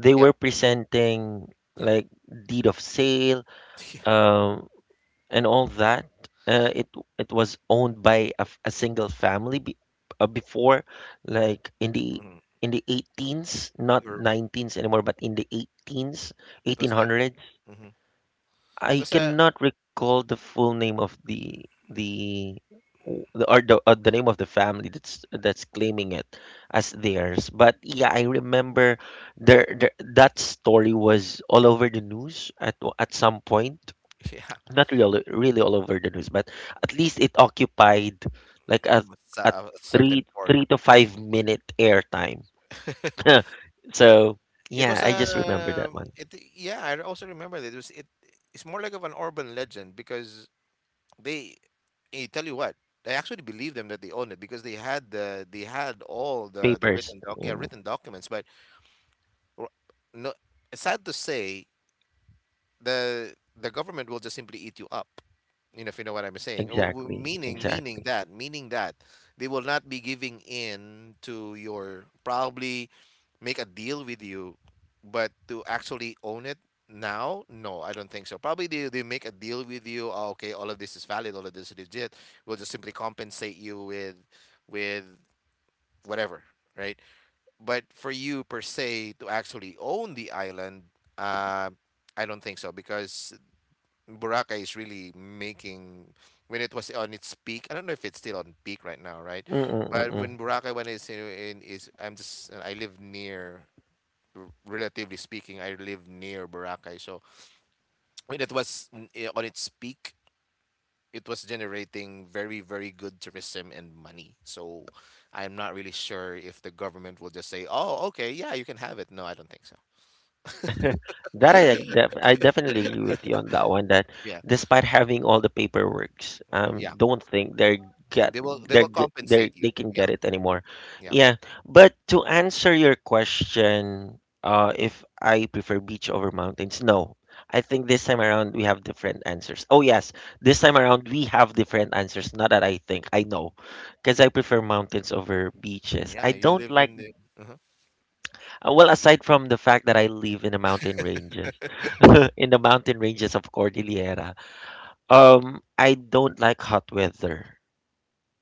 Speaker 1: They
Speaker 2: Yeah,
Speaker 1: were presenting
Speaker 2: yeah,
Speaker 1: like deed of sale,
Speaker 2: yeah.
Speaker 1: um, and all that. Uh, it it was owned by a single family before, like in the
Speaker 2: Mhm.
Speaker 1: in the 18s, not
Speaker 2: Or
Speaker 1: 19s anymore, but in the 18s,
Speaker 2: it was like.
Speaker 1: 1800s.
Speaker 2: It
Speaker 1: I
Speaker 2: was a
Speaker 1: cannot recall the full name of the name of the family that's claiming it as theirs. But yeah, I remember there that story was all over the news at some point,
Speaker 2: yeah,
Speaker 1: not really, really all over the news, but at least it occupied like a
Speaker 2: it's a,
Speaker 1: a
Speaker 2: certain
Speaker 1: three
Speaker 2: part.
Speaker 1: three to five minute airtime. So
Speaker 2: It
Speaker 1: yeah,
Speaker 2: was
Speaker 1: I just remember that
Speaker 2: a
Speaker 1: one.
Speaker 2: it yeah. I also remember that it was it. It's more like of an urban legend because they. I tell you what, I actually believe them that they own it because they had all the
Speaker 1: Papers.
Speaker 2: written doc yeah,
Speaker 1: Mm,
Speaker 2: written documents, but r- no. Sad to say, the the government will just simply eat you up. You know, if you know what I'm saying.
Speaker 1: exactly. Exactly.
Speaker 2: Meaning that they will not be giving in to your, probably make a deal with you, but to actually own it now, no, I don't think so. Probably they make a deal with you. "Oh, okay, all of this is valid, all of this is legit. We'll just simply compensate you with whatever," right? But for you per se to actually own the island, uh, I don't think so, because Boracay is really making when it was on its peak. I don't know if it's still on peak right now, right? But
Speaker 1: Mm-mm-mm.
Speaker 2: when Boracay when it's in is I live near, relatively speaking, I live near Boracay. So when it was on its peak, it was generating very, very good tourism and money. So I'm not really sure if the government will just say, "Oh, okay, yeah, you can have it." No, I don't think so.
Speaker 1: That I definitely agree with you on that one. That
Speaker 2: Yeah,
Speaker 1: despite having all the paperworks,
Speaker 2: yeah,
Speaker 1: don't think they're get
Speaker 2: they will
Speaker 1: they're g-
Speaker 2: compensate you.
Speaker 1: they can
Speaker 2: Yeah,
Speaker 1: get it anymore.
Speaker 2: yeah,
Speaker 1: Yeah, but to answer your question, if I prefer beach over mountains, no. I think this time around we have different answers. Oh yes, this time around we have different answers. Not that I think I know, because I prefer mountains over beaches. I
Speaker 2: yeah. You
Speaker 1: don't
Speaker 2: live
Speaker 1: like.
Speaker 2: in the. Uh-huh.
Speaker 1: Well, aside from the fact that I live in the mountain ranges, in the mountain ranges of Cordillera, I don't like hot weather.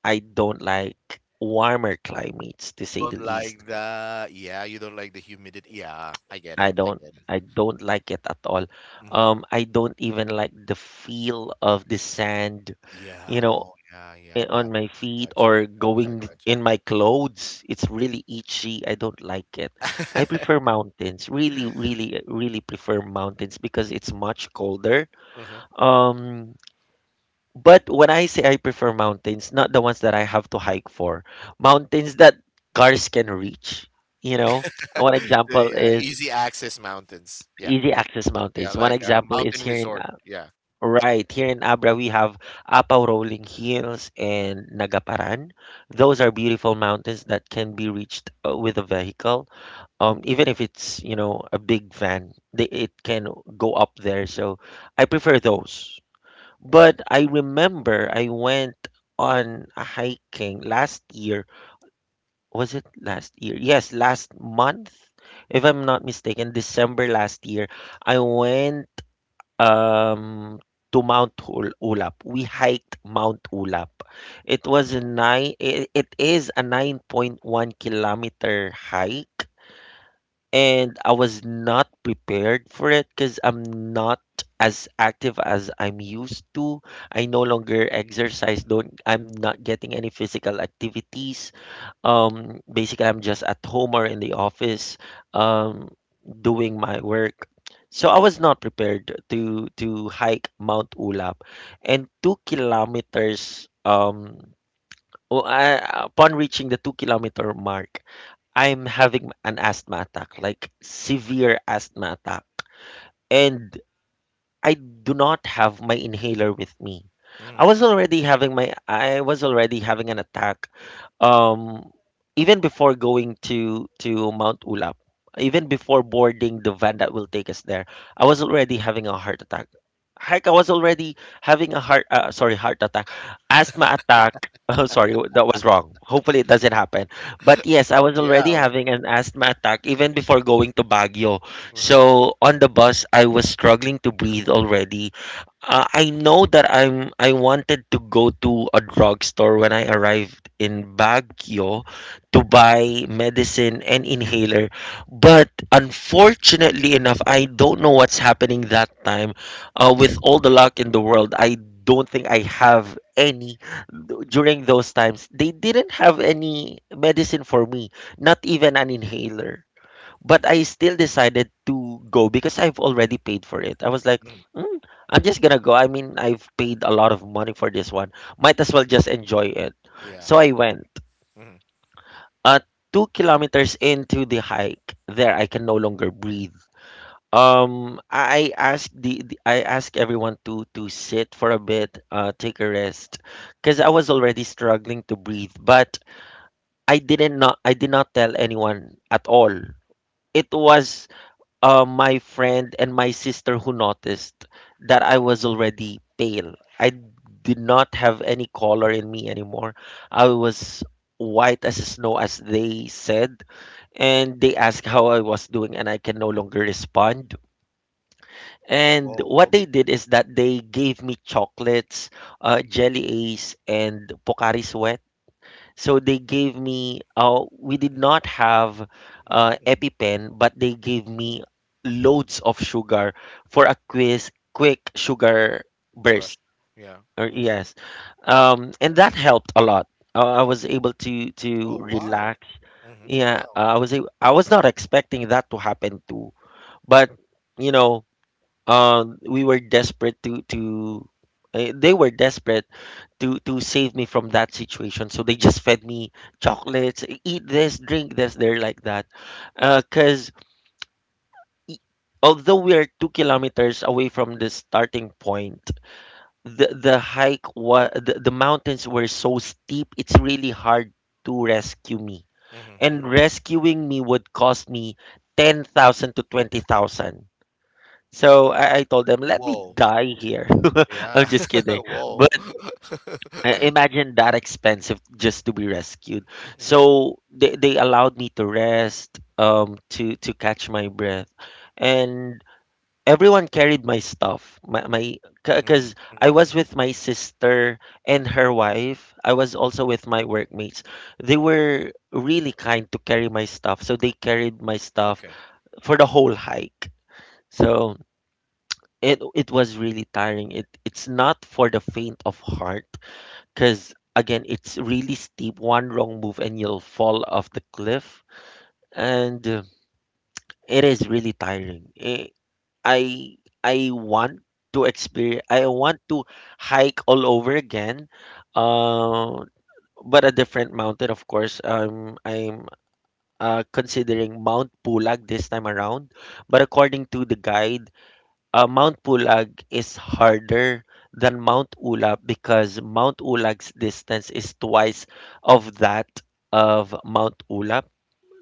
Speaker 1: I don't like warmer climates, to
Speaker 2: You
Speaker 1: say
Speaker 2: don't
Speaker 1: the least.
Speaker 2: like the, Yeah, you don't like the humidity. Yeah, I get it.
Speaker 1: I
Speaker 2: I
Speaker 1: don't.
Speaker 2: get it.
Speaker 1: I don't like it at all.
Speaker 2: Hmm.
Speaker 1: I don't even like the feel of the sand. You
Speaker 2: Yeah.
Speaker 1: know,
Speaker 2: Oh, yeah, yeah. Got
Speaker 1: on
Speaker 2: it.
Speaker 1: my feet
Speaker 2: Gotcha.
Speaker 1: or
Speaker 2: Gotcha.
Speaker 1: going
Speaker 2: Gotcha.
Speaker 1: in my clothes. It's really itchy. I don't like it. I prefer mountains. Really, really, really prefer mountains because it's much colder.
Speaker 2: Uh-huh.
Speaker 1: Um, but when I say I prefer mountains, not the ones that I have to hike for, mountains that cars can reach. You know, One example
Speaker 2: The
Speaker 1: is
Speaker 2: easy access mountains. Yeah.
Speaker 1: easy access
Speaker 2: Yeah.
Speaker 1: mountains. One
Speaker 2: Like a
Speaker 1: example is
Speaker 2: mountain
Speaker 1: here in.
Speaker 2: resort. Yeah.
Speaker 1: Right. Here in Abra, we have Apao Rolling Hills and Nagaparan. Those are beautiful mountains that can be reached with a vehicle. Even if it's, a big van, it can go up there. So I prefer those. But I remember I went on a hiking last year. Was it last year? Yes, last month, if I'm not mistaken, December last year. I went um, to Mount Ulap. We hiked Mount Ulap. It was a nine. It is a 9.1 kilometer hike, and I was not prepared for it because I'm not as active as I'm used to. I no longer exercise. Don't I'm not getting any physical activities. Basically, I'm just at home or in the office, um, doing my work. So I was not prepared to hike Mount Ulap, and 2 kilometers. Upon reaching the 2 kilometer mark, I'm having an asthma attack, like severe asthma attack, and I do not have my inhaler with me. I
Speaker 2: Hmm.
Speaker 1: was already having an attack um even before going to Mount Ulap, even before boarding the van that will take us there, I was already having a heart attack. Heck, I was already having a heart sorry heart attack, asthma attack. Oh, sorry, that was wrong. Hopefully it doesn't happen. But yes, I was
Speaker 2: Yeah.
Speaker 1: already
Speaker 2: Oh.
Speaker 1: having an asthma attack even before going to Baguio.
Speaker 2: Uh-huh.
Speaker 1: So on the bus, I was struggling to breathe already. I know that I wanted to go to a drugstore when I arrived in Baguio to buy medicine and inhaler, but unfortunately enough, I don't know what's happening that time. With all the luck in the world, I don't think I have any during those times. They didn't have any medicine for me, not even an inhaler, but I still decided to go because I've already paid for it. I was like,
Speaker 2: Hmm.
Speaker 1: mm, I'm just gonna go. I mean, I've paid a lot of money for this one. Might as well just enjoy it.
Speaker 2: Yeah.
Speaker 1: So I went.
Speaker 2: Hmm.
Speaker 1: Uh, 2 kilometers into the hike, there I can no longer breathe. I asked everyone to sit for a bit, take a rest, because I was already struggling to breathe. But I did not tell anyone at all. It was my friend and my sister who noticed that I was already pale. I did not have any color in me anymore. I was white as snow, as they said. And they asked how I was doing, and I can no longer respond. And
Speaker 2: Whoa.
Speaker 1: what they
Speaker 2: Okay.
Speaker 1: did is that they gave me chocolates, jelly ace, and Pocari Sweat, so they gave me, we did not have
Speaker 2: Hmm.
Speaker 1: EpiPen, but they gave me loads of sugar for a quick sugar
Speaker 2: Rush.
Speaker 1: burst.
Speaker 2: Yeah.
Speaker 1: Or
Speaker 2: Hmm.
Speaker 1: yes, and that helped a lot. I was able to
Speaker 2: Oh, wow.
Speaker 1: relax.
Speaker 2: Hmm.
Speaker 1: Yeah,
Speaker 2: Wow.
Speaker 1: I was not expecting that to happen too, but you know, we were desperate to. They were desperate to save me from that situation. So they just fed me chocolates, "Eat this, drink this. They're like that, because although we are 2 kilometers away from the starting point, the hike was the mountains were so steep. It's really hard to rescue me,
Speaker 2: Hmm.
Speaker 1: and
Speaker 2: Hmm.
Speaker 1: rescuing me would cost me 10,000 to 20,000. So I told them, let me
Speaker 2: Whoa.
Speaker 1: die here. I'm
Speaker 2: Yeah.
Speaker 1: just kidding,
Speaker 2: Whoa.
Speaker 1: but. I- imagine that expensive just to be rescued.
Speaker 2: Mhm.
Speaker 1: So they allowed me to rest, to catch my breath, and everyone carried my stuff. My because
Speaker 2: Mhm,
Speaker 1: I
Speaker 2: mhm,
Speaker 1: was
Speaker 2: mhm.
Speaker 1: with my sister and her wife. I was also with my workmates. They were really kind to carry my stuff, so they carried my stuff
Speaker 2: Okay,
Speaker 1: for the whole hike. So. It was really tiring. It's not for the faint of heart because again, it's really steep. One wrong move and you'll fall off the cliff, and it is really tiring. I I want to experience. I want to hike all over again, uh, but a different mountain, of course. I'm Considering Mount Pulag this time around, but according to the guide, Mount Pulag is harder than Mount Ulap because Mount Ulag's distance is twice of that of Mount Ulap.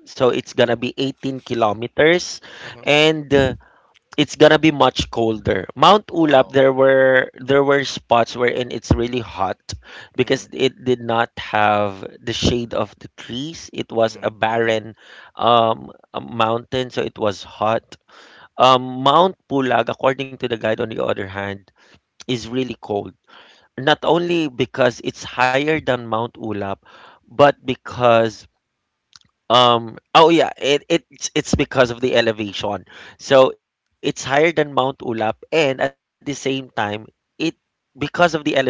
Speaker 1: So it's gonna be 18 kilometers,
Speaker 2: uh-huh.
Speaker 1: and it's gonna be much colder. Mount Ulap,
Speaker 2: Oo,
Speaker 1: there were spots wherein it's really hot because
Speaker 2: mhm,
Speaker 1: it did not have the shade of the trees. It was a
Speaker 2: mhm, mhm.
Speaker 1: barren a mountain, so it was hot. Mount Pulag, according to the guide, on the other hand, is really cold. Not only because it's higher than Mount Ulap, but because oh yeah, it's because of the elevation. So it's higher than Mount Ulap, and at the same time, it because of the elevation,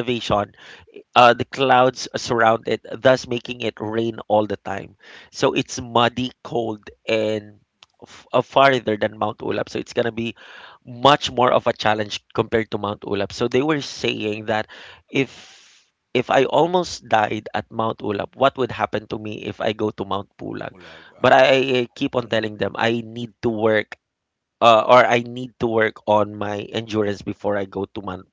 Speaker 1: the clouds surround it, thus making it rain all the time. So it's muddy, cold, and farther than Mount Ulap. So it's gonna be much more of a challenge compared to Mount Ulap. So they were saying that if if I almost died at Mount Ulap, what would happen to me if I go to Mount Pulag?
Speaker 2: Bulag,
Speaker 1: But
Speaker 2: oo.
Speaker 1: I keep on
Speaker 2: Mhm.
Speaker 1: telling them I need to work or I need to work on my endurance before I go to Man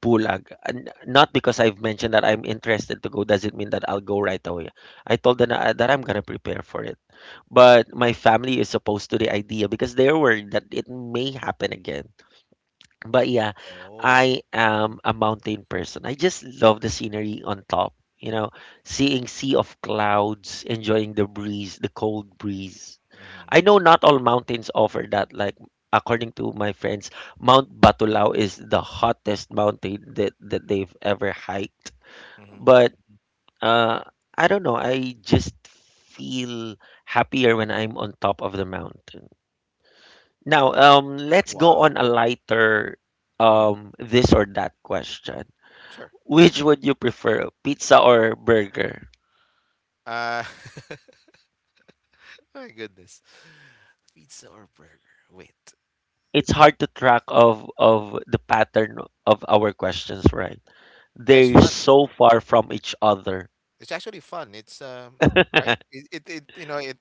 Speaker 1: Pulag. And not because I've mentioned that I'm interested to go doesn't mean that I'll go right away. I told them that I'm gonna prepare for it. But my family is opposed to the idea because they're worried that it may happen again. But yeah,
Speaker 2: Oh.
Speaker 1: I am
Speaker 2: Mhm,
Speaker 1: a mountain person. I just love the scenery on top. You know, seeing sea of clouds, enjoying the breeze, the cold breeze
Speaker 2: mhm,
Speaker 1: I know
Speaker 2: mhm,
Speaker 1: not all mountains offer that. Like according to my friends, Mount Batulao is the hottest mountain that they've ever hiked.
Speaker 2: mhm.
Speaker 1: But uh, I don't know. I just feel happier when I'm on top of the mountain. Now, let's go
Speaker 2: Wow,
Speaker 1: on a lighter
Speaker 2: mhm,
Speaker 1: this or that question.
Speaker 2: sure.
Speaker 1: Which would you prefer, pizza or burger?
Speaker 2: Uh, my goodness. Pizza or burger? Wait.
Speaker 1: It's hard to track of the pattern of our questions, right?
Speaker 2: No, it's
Speaker 1: They're
Speaker 2: fun.
Speaker 1: so far from each other.
Speaker 2: It's actually fun. Right? It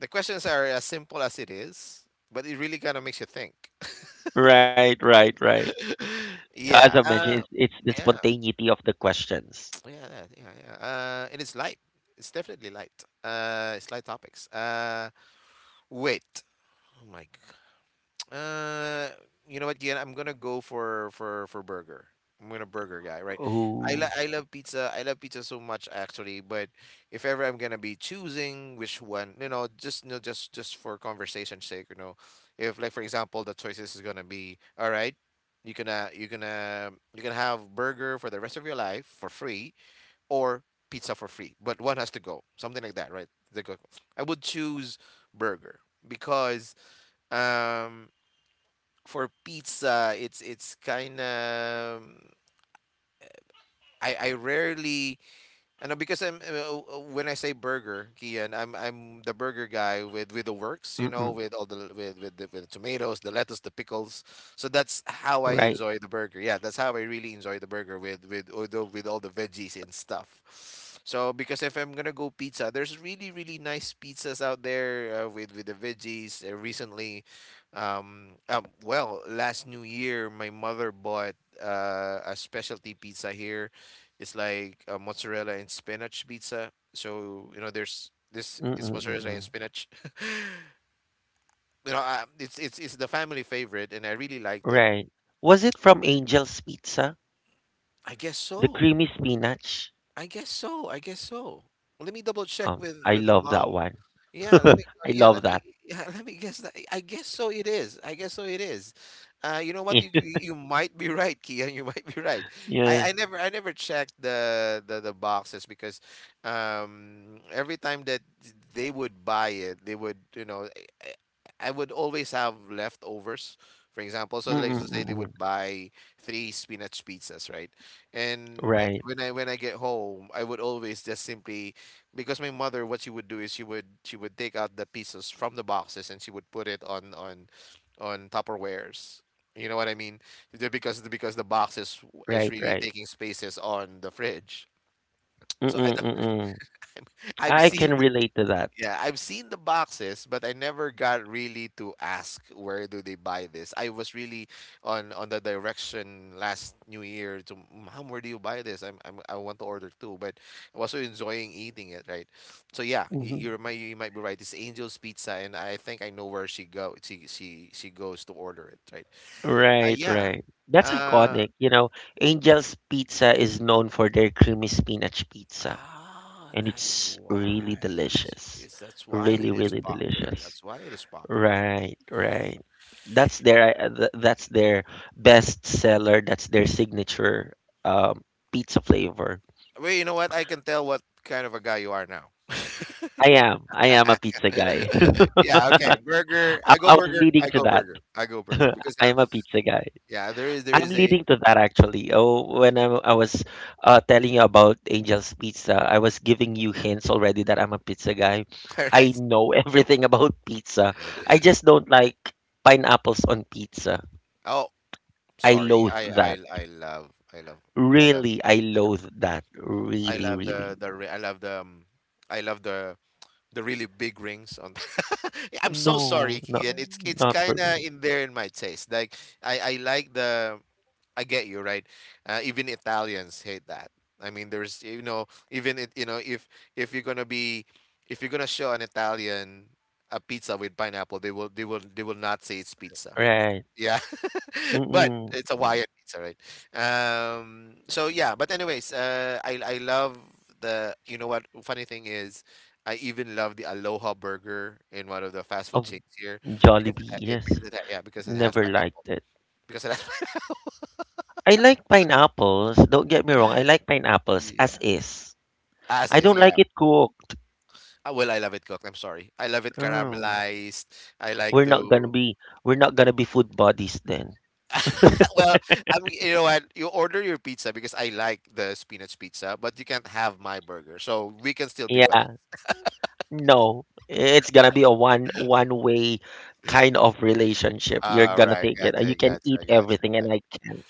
Speaker 2: The questions are as simple as it is, but it really kinda makes you think.
Speaker 1: Right, right, right. So as I
Speaker 2: Yeah,
Speaker 1: mentioned, it's the
Speaker 2: yeah.
Speaker 1: spontaneity of the questions.
Speaker 2: Yeah, yeah, yeah. Yeah. It is light. It's definitely light. It's light topics. Wait. Oh my god. Uh, you know what, Gian? I'm gonna go for burger. I'm gonna burger guy, right?
Speaker 1: Oh,
Speaker 2: I love pizza. I love pizza so much actually. But if ever I'm gonna be choosing which one, just for conversation's sake, if, like, for example, the choices is gonna be, all right, you gonna have burger for the rest of your life for free, or pizza for free, but one has to go. Something like that, right? I would choose burger because, um, for pizza, it's kind of, I rarely, I know, because I'm when I say burger, Kian, I'm the burger guy with the works, you know,
Speaker 1: mm-mm,
Speaker 2: with the tomatoes, the lettuce, the pickles. So that's how I
Speaker 1: right.
Speaker 2: enjoy the burger. Yeah, that's how I really enjoy the burger with all the veggies and stuff. So because if I'm gonna go pizza, there's really nice pizzas out there, with the veggies. Recently, well, last New Year, my mother bought, a specialty pizza here. It's like, mozzarella and spinach pizza. So you know, there's this it's
Speaker 1: Mm-mm,
Speaker 2: mozzarella and
Speaker 1: mm-mm,
Speaker 2: spinach. You know, it's the family favorite, and I really liked it.
Speaker 1: right. Was it from Angel's Pizza?
Speaker 2: I guess
Speaker 1: The
Speaker 2: so.
Speaker 1: creamy spinach?
Speaker 2: I guess so. I guess so. Let me double check with
Speaker 1: I
Speaker 2: with
Speaker 1: love that
Speaker 2: mom.
Speaker 1: one.
Speaker 2: Yeah, let me.
Speaker 1: I
Speaker 2: Yeah,
Speaker 1: love
Speaker 2: let me.
Speaker 1: that.
Speaker 2: Yeah, let me guess that. I guess so. It is. I guess so. It is. You know what? You you might be right, Kian. You might be right.
Speaker 1: Yeah.
Speaker 2: I never checked the, the boxes because every time that they would buy it, they would you know, I, I would always have leftovers. For example, so like
Speaker 1: Mm-mm,
Speaker 2: let's say they
Speaker 1: mm-mm.
Speaker 2: would buy three spinach pizzas, right? And
Speaker 1: Right,
Speaker 2: when I get home, I would always just simply, because my mother, what she would do is she would take out the pieces from the boxes and she would put it on Tupperwares. You know what I mean? Because the boxes
Speaker 1: right, right.
Speaker 2: is really taking spaces on the fridge. So
Speaker 1: Mm-mm,
Speaker 2: I
Speaker 1: mm-mm.
Speaker 2: I've
Speaker 1: I
Speaker 2: seen
Speaker 1: can relate to that.
Speaker 2: yeah, I've seen the boxes, but I never got really to ask where do they buy this. I was really on the direction last New Year to Mom, where do you buy this? I want to order too, but I was so enjoying eating it, right? So yeah, y-
Speaker 1: Mm-hmm.
Speaker 2: you might you might be right. It's Angel's Pizza, and I think I know where she go she goes to order it, right?
Speaker 1: Right,
Speaker 2: Yeah.
Speaker 1: right. That's
Speaker 2: Uh,
Speaker 1: iconic. You know, Angel's Pizza is known for their creamy spinach pizza,
Speaker 2: ah,
Speaker 1: and
Speaker 2: that's
Speaker 1: it's
Speaker 2: why.
Speaker 1: really delicious.
Speaker 2: Is that's why
Speaker 1: Really,
Speaker 2: it is
Speaker 1: really
Speaker 2: popular.
Speaker 1: delicious.
Speaker 2: That's why it is popular.
Speaker 1: Right, right. That's their that's their
Speaker 2: Mm-hmm.
Speaker 1: best seller. That's their signature um, pizza flavor.
Speaker 2: Well, you know what? I can tell what kind of a guy you are now.
Speaker 1: I am. I am a pizza guy.
Speaker 2: Yeah. Okay.
Speaker 1: I,
Speaker 2: Burger. I go
Speaker 1: I was
Speaker 2: burger.
Speaker 1: leading
Speaker 2: I
Speaker 1: to
Speaker 2: go
Speaker 1: that.
Speaker 2: burger. I go burger because
Speaker 1: I
Speaker 2: um.
Speaker 1: am a pizza guy.
Speaker 2: Yeah. There is. There
Speaker 1: I'm
Speaker 2: is a.
Speaker 1: leading to that actually. Oh, when I was telling you about Angel's Pizza, I was giving you hints already that I'm a pizza guy. I know everything about pizza. I just don't like pineapples on pizza.
Speaker 2: Oh,
Speaker 1: I
Speaker 2: sorry.
Speaker 1: loathe
Speaker 2: I. I.
Speaker 1: that.
Speaker 2: I love. I love. I love.
Speaker 1: Really, I
Speaker 2: Yeah.
Speaker 1: loathe that.
Speaker 2: I
Speaker 1: Really,
Speaker 2: love the.
Speaker 1: really.
Speaker 2: The. Ri- I love the. I love the. The really big rings on. Yeah, I'm so sorry,
Speaker 1: No, no,
Speaker 2: Kian. It's
Speaker 1: not
Speaker 2: kind
Speaker 1: for
Speaker 2: of
Speaker 1: me.
Speaker 2: in there in my taste. Like, I like the I get you, right? Even Italians hate that. I mean, there's you know, even it you know, if you're gonna be, if you're gonna show an Italian a pizza with pineapple, they will not say it's pizza.
Speaker 1: Right.
Speaker 2: Yeah, but
Speaker 1: Mm-mm.
Speaker 2: it's a Hawaiian pizza, right? But anyways, I love the you know what funny thing is, I even love the Aloha burger in one of the fast food
Speaker 1: Of
Speaker 2: chains here because it,
Speaker 1: Jollibee,
Speaker 2: ha- it
Speaker 1: yes.
Speaker 2: because it ha- yeah because it has
Speaker 1: Never
Speaker 2: pineapple
Speaker 1: liked it.
Speaker 2: because it has
Speaker 1: I like pineapples. Don't get me wrong. I like pineapples as
Speaker 2: Yeah.
Speaker 1: is.
Speaker 2: As
Speaker 1: I
Speaker 2: is,
Speaker 1: don't like
Speaker 2: yeah.
Speaker 1: it cooked.
Speaker 2: Ah, well, I love it cooked. I'm sorry. I love it
Speaker 1: Mm.
Speaker 2: caramelized. I like
Speaker 1: We're not gonna
Speaker 2: to.
Speaker 1: be we're not gonna be food buddies then.
Speaker 2: Well, I mean, you know what? You order your pizza, because I like the spinach pizza, but you can't have my burger, so we can still be buddies.
Speaker 1: Yeah, no. It's gonna be a one way kind of relationship. You're
Speaker 2: All
Speaker 1: gonna
Speaker 2: right,
Speaker 1: take it. You
Speaker 2: gotcha,
Speaker 1: can eat
Speaker 2: gotcha, gotcha,
Speaker 1: everything and I can't.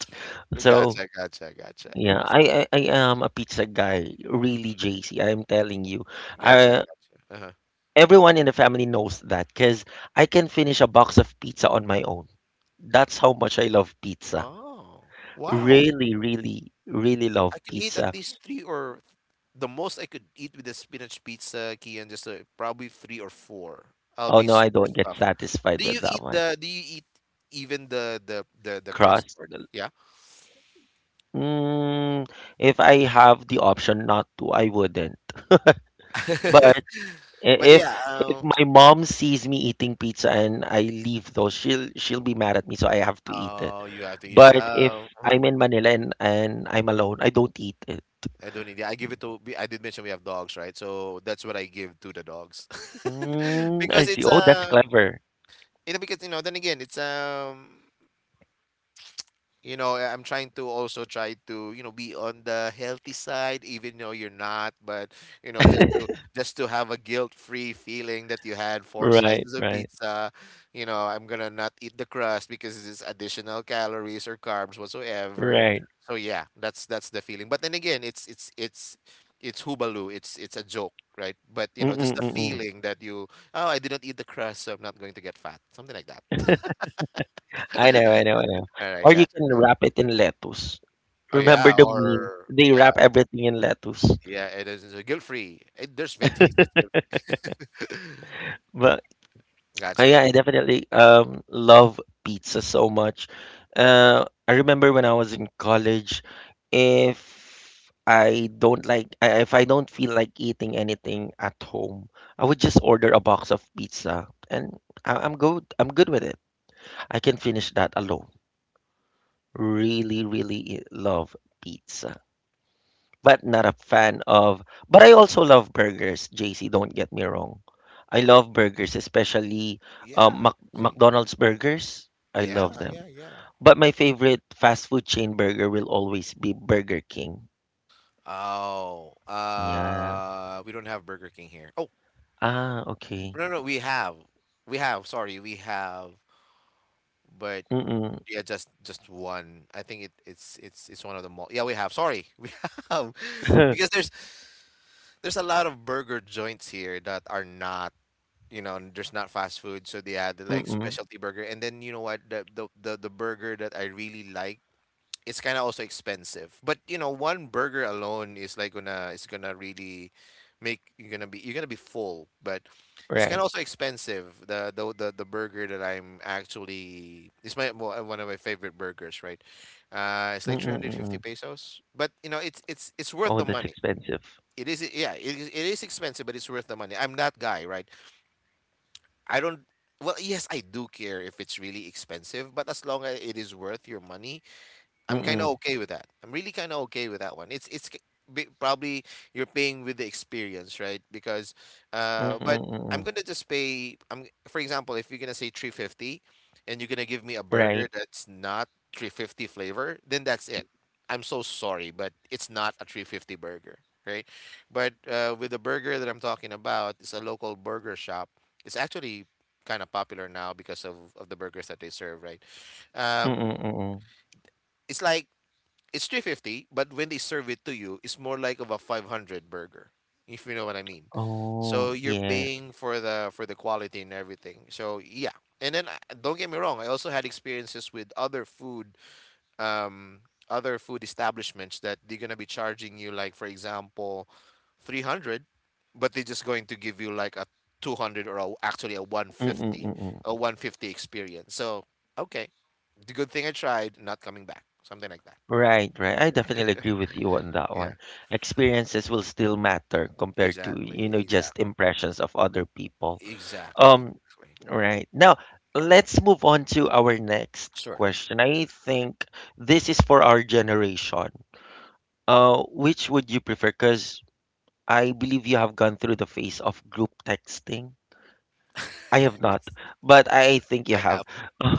Speaker 2: gotcha,
Speaker 1: So
Speaker 2: gotcha, gotcha, gotcha.
Speaker 1: yeah, I am a pizza guy, really,
Speaker 2: Mhm.
Speaker 1: JC. I'm telling you.
Speaker 2: Gotcha,
Speaker 1: Uh,
Speaker 2: gotcha. Uh-huh.
Speaker 1: Everyone in the family knows that because I can finish a box of pizza on my own. That's how much I love pizza.
Speaker 2: Oh, wow!
Speaker 1: Really, really, really love
Speaker 2: I can eat
Speaker 1: pizza.
Speaker 2: at least three, or the most I could eat with the spinach pizza, Kian, just probably three or four. I'll
Speaker 1: Oh
Speaker 2: be
Speaker 1: no, I
Speaker 2: super
Speaker 1: don't get
Speaker 2: stuffed.
Speaker 1: satisfied
Speaker 2: Do
Speaker 1: with
Speaker 2: you
Speaker 1: that
Speaker 2: eat
Speaker 1: one.
Speaker 2: the do you eat even the crust
Speaker 1: Crust.
Speaker 2: part? Yeah.
Speaker 1: Mm, if I have the option not to, I wouldn't. But i-
Speaker 2: But
Speaker 1: if
Speaker 2: yeah,
Speaker 1: if my mom sees me eating pizza and I leave though, she'll be mad at me, so I have to eat it.
Speaker 2: oh, you have to eat it.
Speaker 1: But if I'm in Manila and I'm alone, I don't eat it.
Speaker 2: I don't need it. I give it to I did mention we have dogs, right? So that's what I give to the dogs.
Speaker 1: Mm, I
Speaker 2: Because
Speaker 1: see.
Speaker 2: it's
Speaker 1: Oh, that's clever.
Speaker 2: you know because you know then again it's, I'm trying to also try to, be on the healthy side, even though you're not, but you know just to just to have a guilt-free feeling that you had four
Speaker 1: Right,
Speaker 2: slices of
Speaker 1: right,
Speaker 2: pizza. I'm gonna not eat the crust because it's additional calories or carbs whatsoever.
Speaker 1: right.
Speaker 2: So yeah, that's the feeling, but then again, it's hubaloo, it's a joke, right? But just the
Speaker 1: Mm-mm-mm-mm.
Speaker 2: feeling that you. Oh, I didn't eat the crust, so I'm not going to get fat, something like that.
Speaker 1: I know, I know, I know.
Speaker 2: All right,
Speaker 1: Or you
Speaker 2: gotcha,
Speaker 1: can
Speaker 2: gotcha.
Speaker 1: wrap it in lettuce.
Speaker 2: Oh
Speaker 1: Remember
Speaker 2: yeah,
Speaker 1: the meme?
Speaker 2: or
Speaker 1: They
Speaker 2: yeah.
Speaker 1: wrap everything in lettuce.
Speaker 2: Yeah, it's guilt free. It, there's veggies. It's guilt
Speaker 1: But
Speaker 2: free. Gotcha.
Speaker 1: yeah, I definitely love pizza so much. I remember when I was in college, if I don't like, I- if I don't feel like eating anything at home, I would just order a box of pizza, and I'm good. I'm good with it. I can finish that alone. Really, really love pizza. But not a fan of. But I also love burgers, JC, don't get me wrong. I love burgers, especially
Speaker 2: Yeah. See?
Speaker 1: McDonald's burgers. I love
Speaker 2: Yeah,
Speaker 1: them.
Speaker 2: yeah, yeah.
Speaker 1: But my favorite fast food chain burger will always be Burger King.
Speaker 2: Oh,
Speaker 1: Yeah.
Speaker 2: we don't have Burger King here. Oh,
Speaker 1: Ah, okay.
Speaker 2: no, no, we have, we have. Sorry, we have, but
Speaker 1: Mm-mm.
Speaker 2: yeah, just one. I think it it's one of the mall. Yeah, we have. Sorry, we have, because there's a lot of burger joints here that are not. You know, there's not fast food, so they add like
Speaker 1: Mm-mm.
Speaker 2: specialty burger. And then you know what? The burger that I really like, it's kind of also expensive. But you know, one burger alone is like gonna really make, you're gonna be full. But it's kind of
Speaker 1: Right.
Speaker 2: also expensive. The burger that I'm actually, it's my, well, one of my favorite burgers, right? It's like
Speaker 1: Mm-mm.
Speaker 2: 350
Speaker 1: Mm-mm.
Speaker 2: pesos. But you know, it's worth
Speaker 1: Oh,
Speaker 2: the
Speaker 1: that's
Speaker 2: money.
Speaker 1: expensive.
Speaker 2: It is, yeah, it is expensive, but it's worth the money. I'm that guy, right? I don't. Well, yes, I do care if it's really expensive, but as long as it is worth your money, I'm kind of
Speaker 1: Mm-mm.
Speaker 2: okay with that. I'm really kind of okay with that one. Probably you're paying with the experience, right? Because,
Speaker 1: Mm-mm.
Speaker 2: but
Speaker 1: Mm-mm.
Speaker 2: I'm gonna just pay. I'm for example, if you're gonna say 350, and you're gonna give me a
Speaker 1: Right.
Speaker 2: burger that's not 350 flavor, then that's it. I'm so sorry, but it's not a 350 burger, right? But with the burger that I'm talking about, it's a local burger shop. It's actually kind of popular now because of the burgers that they serve, right? Um,
Speaker 1: Mm-mm. Mm-mm.
Speaker 2: it's like it's 350, but when they serve it to you, it's more like of a 500 burger if you know what I mean.
Speaker 1: Oh,
Speaker 2: So you're
Speaker 1: yeah.
Speaker 2: paying for the quality and everything, so yeah. And then don't get me wrong, I also had experiences with other food, um other food establishments that they're going to be charging you, like for example 300, but they're just going to give you like a 200, or a, actually a
Speaker 1: Mm-mm.
Speaker 2: 150,
Speaker 1: Mm-mm.
Speaker 2: a 150 experience. So, okay, the good thing, I tried not coming back, something like that.
Speaker 1: Right, right. I definitely agree with you on that one. Experiences will still matter compared to, you
Speaker 2: Exactly,
Speaker 1: know, just
Speaker 2: exactly,
Speaker 1: impressions of other people.
Speaker 2: exactly,
Speaker 1: Um,
Speaker 2: exactly.
Speaker 1: right. Now, let's move on to our next
Speaker 2: Sure.
Speaker 1: question. I think this is for our generation. Which would you prefer? Because I believe you have gone through the phase of group texting. I have not,
Speaker 2: Yes,
Speaker 1: but I think you
Speaker 2: I
Speaker 1: have.
Speaker 2: have.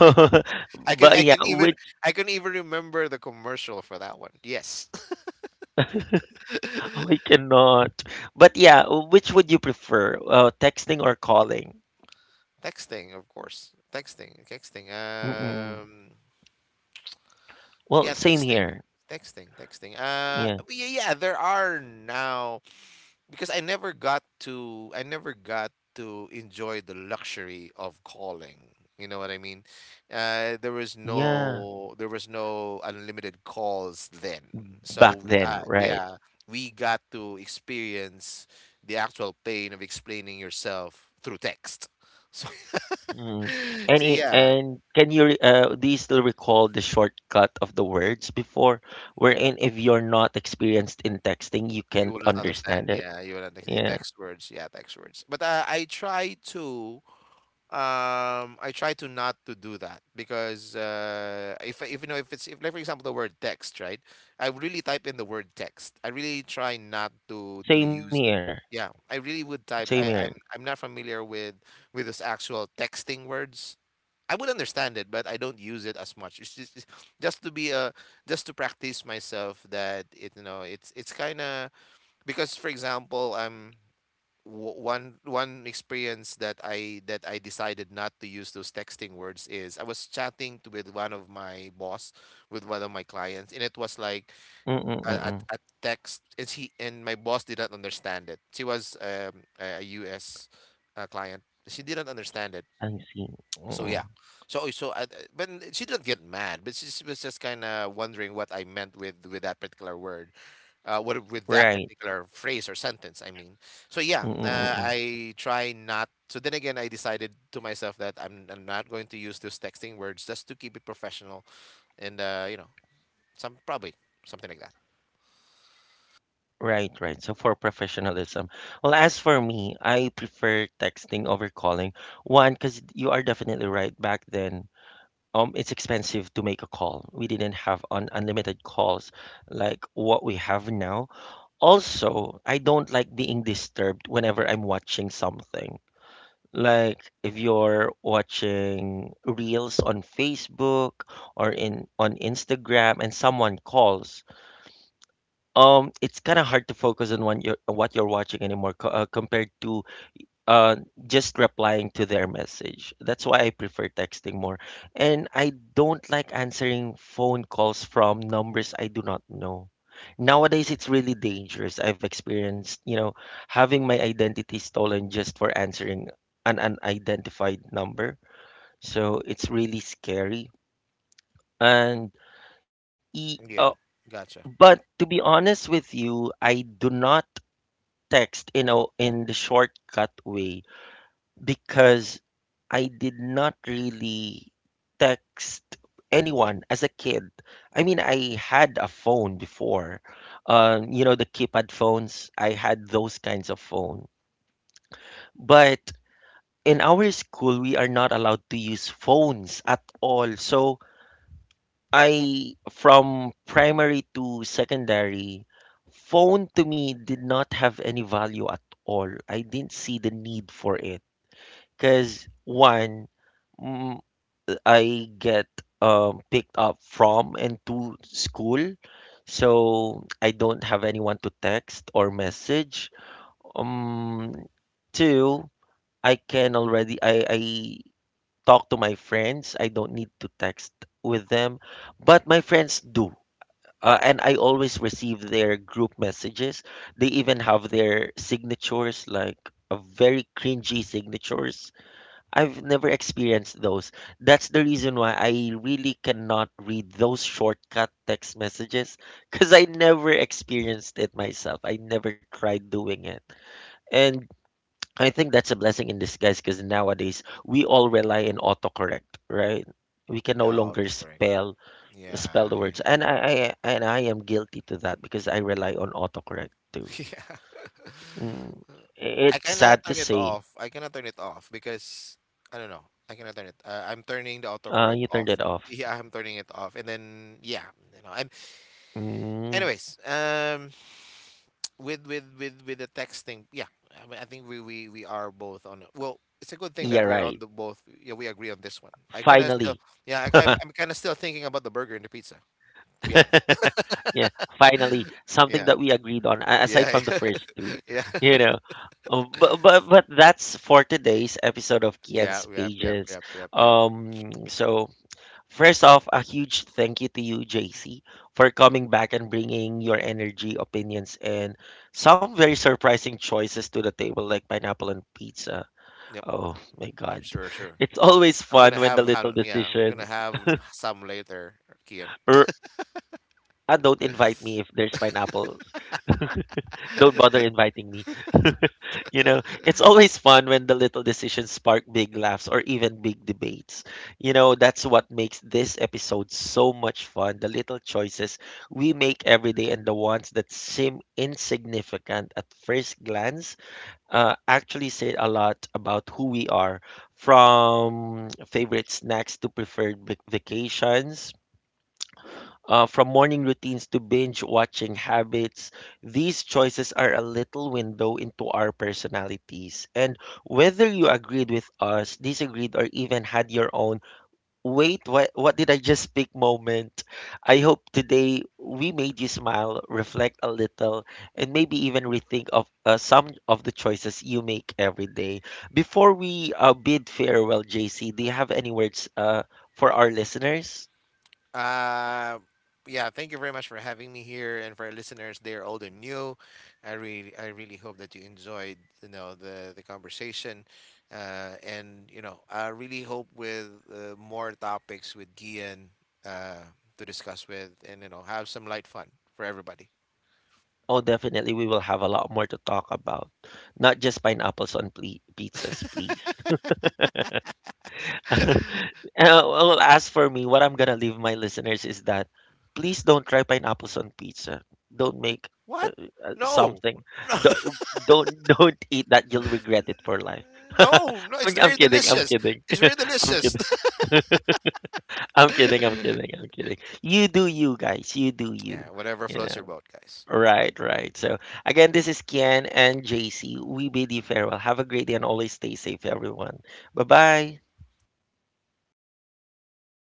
Speaker 2: I have. I can.
Speaker 1: But
Speaker 2: I can
Speaker 1: yeah,
Speaker 2: even.
Speaker 1: which
Speaker 2: I can even remember the commercial for that one. Yes.
Speaker 1: Oh, I cannot. But yeah, which would you prefer, texting or calling?
Speaker 2: Texting, of course. Texting, texting.
Speaker 1: Mm-mm. Well,
Speaker 2: Yeah,
Speaker 1: same
Speaker 2: texting,
Speaker 1: here.
Speaker 2: texting, texting. Uh,
Speaker 1: Yeah,
Speaker 2: but yeah, yeah. There are now. Because I never got to enjoy the luxury of calling. You know what I mean? There was
Speaker 1: yeah.
Speaker 2: no there was no unlimited calls then. So
Speaker 1: Back
Speaker 2: we
Speaker 1: then,
Speaker 2: uh,
Speaker 1: right?
Speaker 2: yeah, we got to experience the actual pain of explaining yourself through text. So
Speaker 1: Mm.
Speaker 2: so
Speaker 1: And
Speaker 2: yeah.
Speaker 1: and can you do you still recall the shortcut of the words before, wherein if you're not experienced in texting, you
Speaker 2: You
Speaker 1: can't
Speaker 2: will not
Speaker 1: understand
Speaker 2: understand.
Speaker 1: it?
Speaker 2: Yeah, you will not the
Speaker 1: Yeah,
Speaker 2: text words. Yeah, text words. But I try to not to do that, because if you know if it's if like for example the word text, right? I really type in the word text. I really try not to
Speaker 1: same
Speaker 2: to
Speaker 1: here.
Speaker 2: use the. Yeah, I really would
Speaker 1: Same here.
Speaker 2: type. I'm not familiar with those actual texting words. I would understand it, but I don't use it as much. It's just to be a just to practice myself, that it, it's kind of, because for example, one experience that I decided not to use those texting words is, I was chatting to, with one of my boss, with one of my clients, and it was like a, a,
Speaker 1: Mm-mm-mm.
Speaker 2: a text, and she, and my boss did not understand it. She was, a us client, she didn't understand it.
Speaker 1: I see.
Speaker 2: So
Speaker 1: Mm-mm.
Speaker 2: yeah, so oh, so I, but she didn't get mad. But she was just kind of wondering what I meant with that particular word, what with that
Speaker 1: Right.
Speaker 2: particular phrase or sentence. I mean, so yeah,
Speaker 1: Mm-mm-mm.
Speaker 2: I try not. So then again, I decided to myself that I'm not going to use those texting words, just to keep it professional and some probably something like that.
Speaker 1: Right, right. So for professionalism. Well, as for me, I prefer texting over calling. One, because you are definitely right. Back then, it's expensive to make a call. We didn't have un unlimited calls like what we have now. Also, I don't like being disturbed whenever I'm watching something. Like if you're watching reels on Facebook or in on Instagram and someone calls it's kind of hard to focus on what you're watching anymore compared to uh just replying to their message. That's why I prefer texting more, and I don't like answering phone calls from numbers I do not know. Nowadays it's really dangerous. I've experienced, you know, having my identity stolen just for answering an unidentified number, so it's really scary. and e- uh,
Speaker 2: Yeah, gotcha.
Speaker 1: but to be honest with you, I do not text in a in the shortcut way because I did not really text anyone as a kid. I mean, I had a phone before, you know, the keypad phones. I had those kinds of phone, but in our school, we are not allowed to use phones at all. So I, from primary to secondary, phone to me did not have any value at all. I didn't see the need for it. Because one, mm, I get picked up from and to school, so I don't have anyone to text or message. Um, Two, I talk to my friends. I don't need to text with them, but my friends do. And I always receive their group messages. They even have their signatures, like a very cringy signatures I've never experienced those. That's the reason why I really cannot read those shortcut text messages because I never experienced it myself. I never tried doing it. And I think that's a blessing in disguise because nowadays we all rely on autocorrect, right? We can no
Speaker 2: Yeah,
Speaker 1: longer
Speaker 2: autocorrect.
Speaker 1: spell
Speaker 2: Yeah,
Speaker 1: the words. And I am guilty to that because I rely on autocorrect too.
Speaker 2: yeah.
Speaker 1: Mm, it's sad to say.
Speaker 2: I cannot turn it off because I don't know. I cannot turn it. I'm turning the autocorrect
Speaker 1: You turned
Speaker 2: off.
Speaker 1: it off.
Speaker 2: Yeah, I'm turning it off, and then yeah, I'm,
Speaker 1: Mm,
Speaker 2: anyways. With the texting, yeah. I mean, I think we are both on. Well, it's a good thing
Speaker 1: yeah,
Speaker 2: that we are on
Speaker 1: right.
Speaker 2: the both. Yeah, we agree on this one. I kind of still,
Speaker 1: Finally.
Speaker 2: yeah. I'm kind of still thinking about the burger and the pizza, to be honest.
Speaker 1: Yeah, finally, something
Speaker 2: Yeah,
Speaker 1: that we agreed on aside
Speaker 2: yeah,
Speaker 1: from the first two,
Speaker 2: yeah,
Speaker 1: you know. But that's for today's episode of
Speaker 2: yeah,
Speaker 1: Kian's
Speaker 2: yep, yep,
Speaker 1: Pages.
Speaker 2: yep, yep, yep,
Speaker 1: So first off, a huge thank you to you, JC, for coming back and bringing your energy, opinions, and some very surprising choices to the table, like pineapple and pizza.
Speaker 2: yep.
Speaker 1: Oh my God,
Speaker 2: Sure, sure.
Speaker 1: it's always
Speaker 2: I'm
Speaker 1: fun
Speaker 2: gonna
Speaker 1: when
Speaker 2: have
Speaker 1: the little
Speaker 2: Han- yeah, We're gonna
Speaker 1: decisions
Speaker 2: have some later, Kian.
Speaker 1: r- Ah, don't invite me if there's pineapples. Don't bother inviting me. You know, it's always fun when the little decisions spark big laughs or even big debates. You know, that's what makes this episode so much fun. The little choices we make every day and the ones that seem insignificant at first glance actually say a lot about who we are, from favorite snacks to preferred vacations from morning routines to binge watching habits, these choices are a little window into our personalities. And whether you agreed with us, disagreed, or even had your own, wait, what did I just speak moment? I hope today we made you smile, reflect a little, and maybe even rethink of some of the choices you make every day. Before we bid farewell, JC, do you have any words for our listeners?
Speaker 2: Uh yeah, thank you very much for having me here, and for our listeners, are old and new. I really hope that you enjoyed, the conversation. And I really hope with, more topics with Kian, uh to discuss with, and have some light fun for everybody.
Speaker 1: Oh, definitely, we will have a lot more to talk about. Not just pineapples on pizzas, please. Well, as for me, what I'm gonna leave my listeners is that please don't try pineapples on pizza. Don't make uh,
Speaker 2: What? No.
Speaker 1: something.
Speaker 2: No.
Speaker 1: Don't, don't don't eat that. You'll regret it for life.
Speaker 2: No, no, it's
Speaker 1: I'm
Speaker 2: very
Speaker 1: kidding. I'm
Speaker 2: delicious.
Speaker 1: kidding.
Speaker 2: It's very
Speaker 1: I'm
Speaker 2: delicious.
Speaker 1: kidding. I'm kidding. I'm kidding. I'm kidding. You do you, guys. You do
Speaker 2: Yeah,
Speaker 1: you.
Speaker 2: whatever
Speaker 1: You
Speaker 2: floats your
Speaker 1: know.
Speaker 2: boat, guys.
Speaker 1: Right, right. So again, this is Kian and JC. We bid you farewell. Have a great day and always stay safe, everyone. Bye bye.